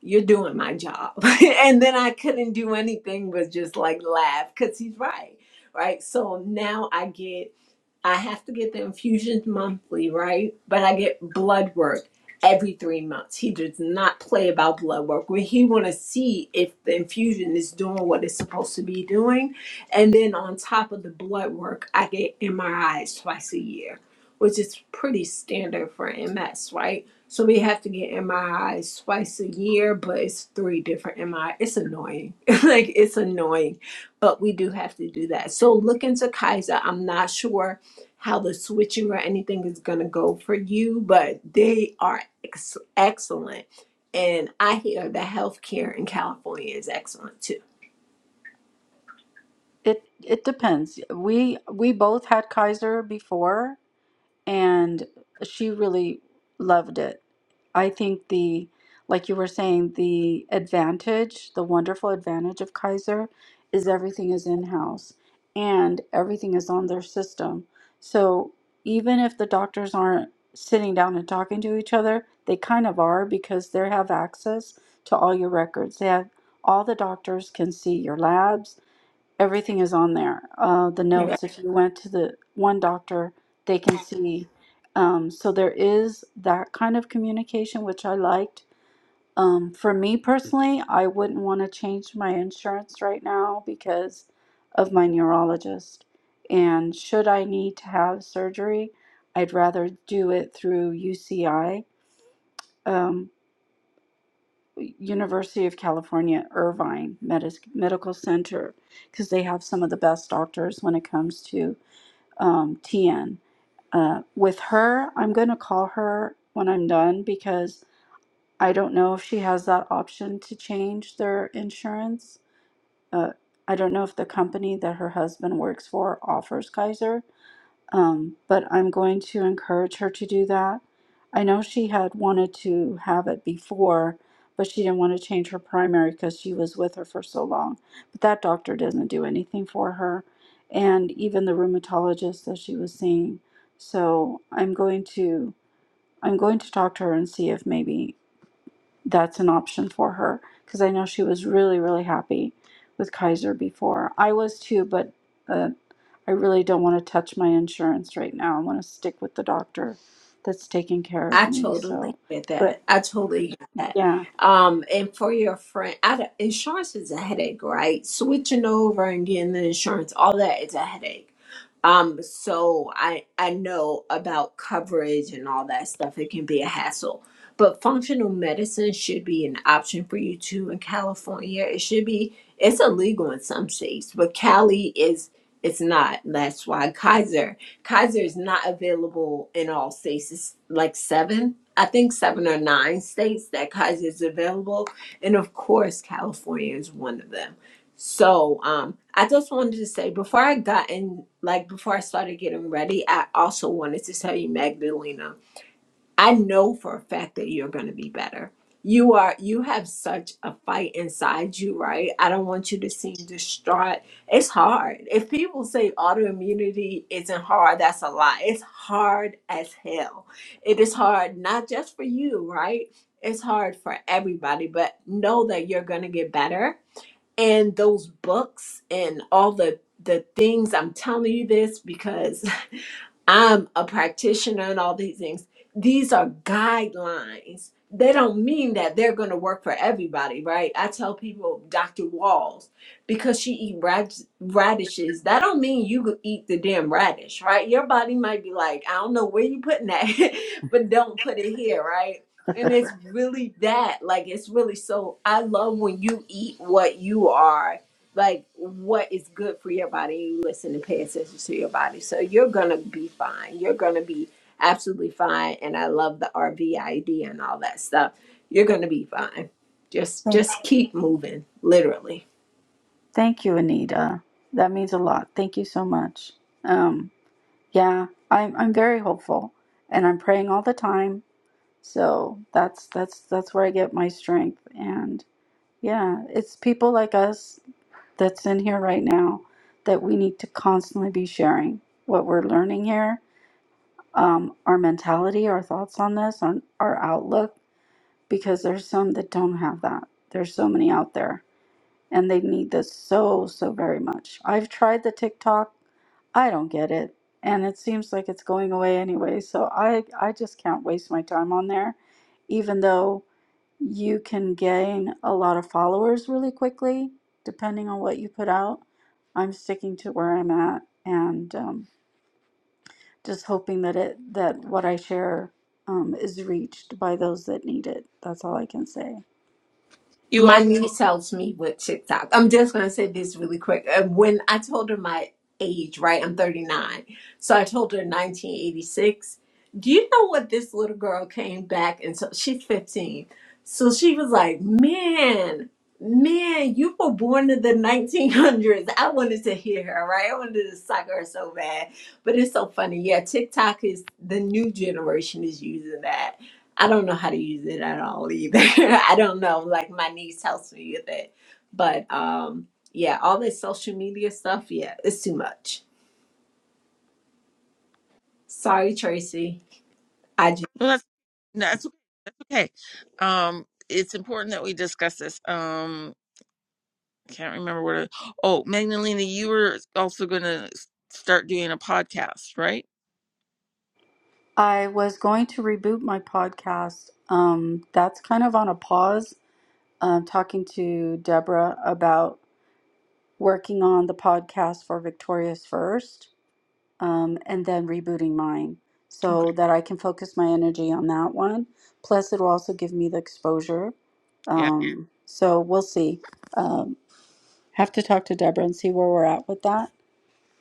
you're doing my job. and then I couldn't do anything but just like laugh because he's right. Right. So now I get I have to get the infusions monthly, right? But I get blood work every three months. He does not play about blood work. Where he want to see if the infusion is doing what it's supposed to be doing, and then on top of the blood work, I get MRIs twice a year, which is pretty standard for MS, right? So we have to get MRIs twice a year, but it's three different MRI. It's annoying. like it's annoying, but we do have to do that. So look into Kaiser. I'm not sure how the switching or anything is going to go for you, but they are ex- excellent. And I hear the healthcare in California is excellent too.
It it depends. We we both had Kaiser before and she really loved it. I think the, like you were saying, the advantage, the wonderful advantage of Kaiser is everything is in-house and everything is on their system. So even if the doctors aren't sitting down and talking to each other, they kind of are because they have access to all your records. They have all the doctors can see your labs, everything is on there. Uh, the notes, if you went to the one doctor, they can see. Um, so there is that kind of communication, which I liked. Um, for me personally, I wouldn't want to change my insurance right now because of my neurologist. And should I need to have surgery, I'd rather do it through UCI. Um, University of California, Irvine Medis- Medical Center, because they have some of the best doctors when it comes to um, TN. Uh, with her, I'm going to call her when I'm done because I don't know if she has that option to change their insurance. Uh, I don't know if the company that her husband works for offers Kaiser um, but I'm going to encourage her to do that. I know she had wanted to have it before, but she didn't want to change her primary because she was with her for so long. But that doctor doesn't do anything for her, and even the rheumatologist that she was seeing. So I'm going to I'm going to talk to her and see if maybe that's an option for her because I know she was really really happy with Kaiser before. I was too, but uh, I really don't want to touch my insurance right now. I want to stick with the doctor that's taking care of
I
me.
totally
So,
get that.
but
I totally get that.
yeah,
Um, and for your friend, I, don't- insurance is a headache, right? Switching over and getting the insurance, all that is a headache. Um, so I I know about coverage and all that stuff. It can be a hassle, but functional medicine should be an option for you too in California. It should be. It's illegal in some states, but Cali is it's not. That's why Kaiser Kaiser is not available in all states. It's like seven, I think seven or nine states that Kaiser is available. And of course, California is one of them. So um, I just wanted to say before I got in, like before I started getting ready, I also wanted to tell you, Magdalena, I know for a fact that you're going to be better. You are you have such a fight inside you, right? I don't want you to seem distraught. It's hard. If people say autoimmunity isn't hard, that's a lie. It's hard as hell. It is hard not just for you, right? It's hard for everybody, but know that you're going to get better. And those books and all the the things I'm telling you this because I'm a practitioner and all these things. These are guidelines. They don't mean that they're going to work for everybody, right? I tell people, Dr. Walls, because she eat rad- radishes, that don't mean you could eat the damn radish, right? Your body might be like, I don't know where you putting that, but don't put it here, right? And it's really that, like it's really so. I love when you eat what you are like what is good for your body. You listen and pay attention to your body. So you're gonna be fine. You're gonna be absolutely fine. And I love the RVID and all that stuff. You're gonna be fine. Just
thank,
just keep moving, literally.
thank you, Anita. That means a lot. Thank you so much. Um, yeah, I'm I'm very hopeful, and I'm praying all the time. So that's that's that's where I get my strength. And yeah, it's people like us that's in here right now that we need to constantly be sharing what we're learning here um, our mentality, our thoughts on this, on our outlook, because there's some that don't have that. There's so many out there, and they need this so, so very much. I've tried the TikTok, I don't get it, and it seems like it's going away anyway. So I, I just can't waste my time on there, even though you can gain a lot of followers really quickly, depending on what you put out. I'm sticking to where I'm at, and um, just hoping that it that what I share um, is reached by those that need it. That's all I can say.
You all.
My niece helps me with TikTok. I'm just gonna say this really quick. Uh, When I told her my age, right? I'm 39. So I told her 1986. Do you know what this little girl came back and so she's 15. So she was like, "Man, man, you were born in the 1900s." I wanted to hear her, right? I wanted to suck her so bad. But it's so funny. Yeah, TikTok is the new generation is using that. I don't know how to use it at all either. I don't know. Like my niece helps me with it. But um yeah, all this social media stuff, yeah, it's too much. Sorry, Tracy. I just
Well, that's that's okay. Um, it's important that we discuss this. Um, can't remember what. I, oh, Magdalena, you were also going to start doing a podcast, right?
I was going to reboot my podcast. Um, that's kind of on a pause. Um, talking to Deborah about working on the podcast for Victorious first, um, and then rebooting mine
Okay.
so that I can focus my energy on that one. Plus, it will also give me the exposure.
Yeah.
Um, so we'll see. Um, have to talk to Deborah and see where we're at with that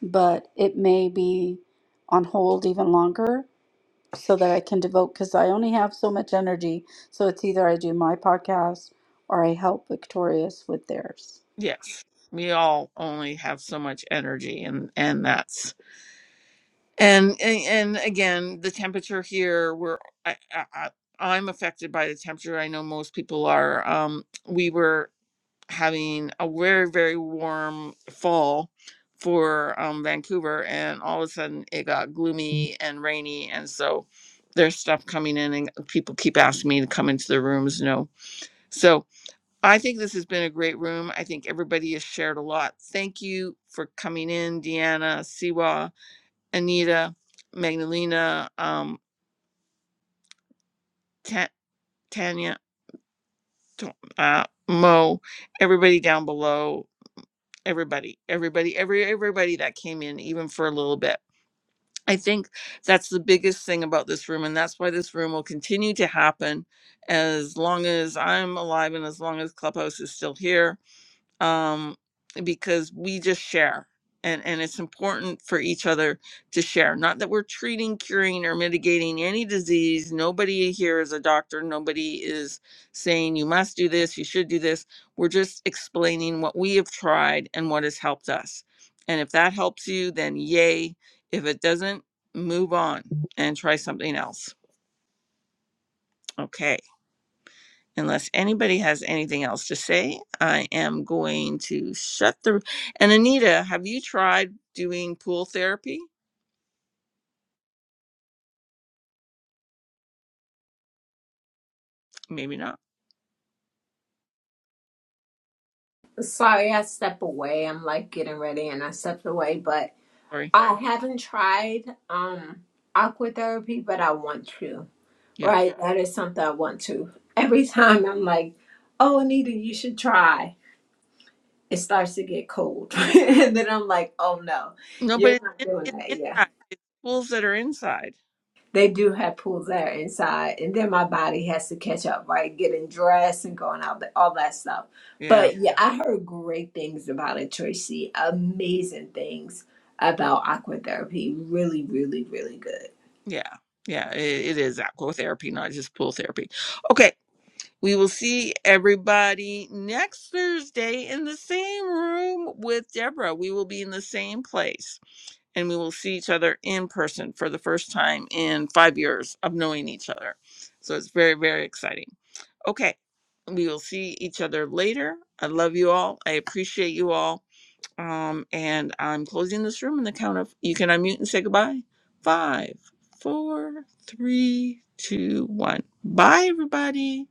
but it may be on hold even longer so that I can devote because I only have so much energy. So it's either I do my podcast or I help Victorious with theirs.
Yes. We all only have so much energy, and and that's and and, and again, the temperature here. We're I, I, I- I'm affected by the temperature. I know most people are. Um, we were. having a very very warm fall for um, Vancouver, and all of a sudden it got gloomy and rainy, and so there's stuff coming in, and people keep asking me to come into the rooms. No, so I think this has been a great room. I think everybody has shared a lot. Thank you for coming in, Deanna, Siwa, Anita, Magdalena, um, Ta- Tanya, Ta- uh, Mo, everybody down below everybody, everybody, every everybody that came in, even for a little bit. I think that's the biggest thing about this room, and that's why this room will continue to happen as long as I'm alive and as long as Clubhouse is still here um, because we just share. And, and it's important for each other to share. Not that we're treating, curing, or mitigating any disease. Nobody here is a doctor. Nobody is saying you must do this, you should do this. We're just explaining what we have tried and what has helped us. And if that helps you, then yay. If it doesn't, move on and try something else. Okay unless anybody has anything else to say, I am going to shut the. And Anita, have you tried doing pool therapy? Maybe not.
sorry I step away. I'm like getting ready and I stepped away, but
Sorry.
I haven't tried um aqua therapy, but I want to.
Yeah.
Right? That is something I want to. Every time I'm like, Oh Anita, you should try. It starts to get cold. and then I'm like, oh no.
No, but
You're
it's,
not
in,
doing
it's
that. Yeah.
inside. It's pools that are inside.
They do have pools there inside, and then my body has to catch up, right? Getting dressed and going out, all that stuff.
Yeah.
But yeah, I heard great things about it, Tracy. Amazing things about aqua therapy. Really, really, really good.
Yeah. Yeah. It, it is aqua therapy, not just pool therapy. Okay. We will see everybody next Thursday in the same room with Deborah. We will be in the same place. and we will see each other in person for the first time in five years of knowing each other. So it's very, very exciting. Okay. We will see each other later. I love you all. I appreciate you all. Um, and I'm closing this room in the count of you can unmute and say goodbye. Five, four, three, two, one. Bye, everybody.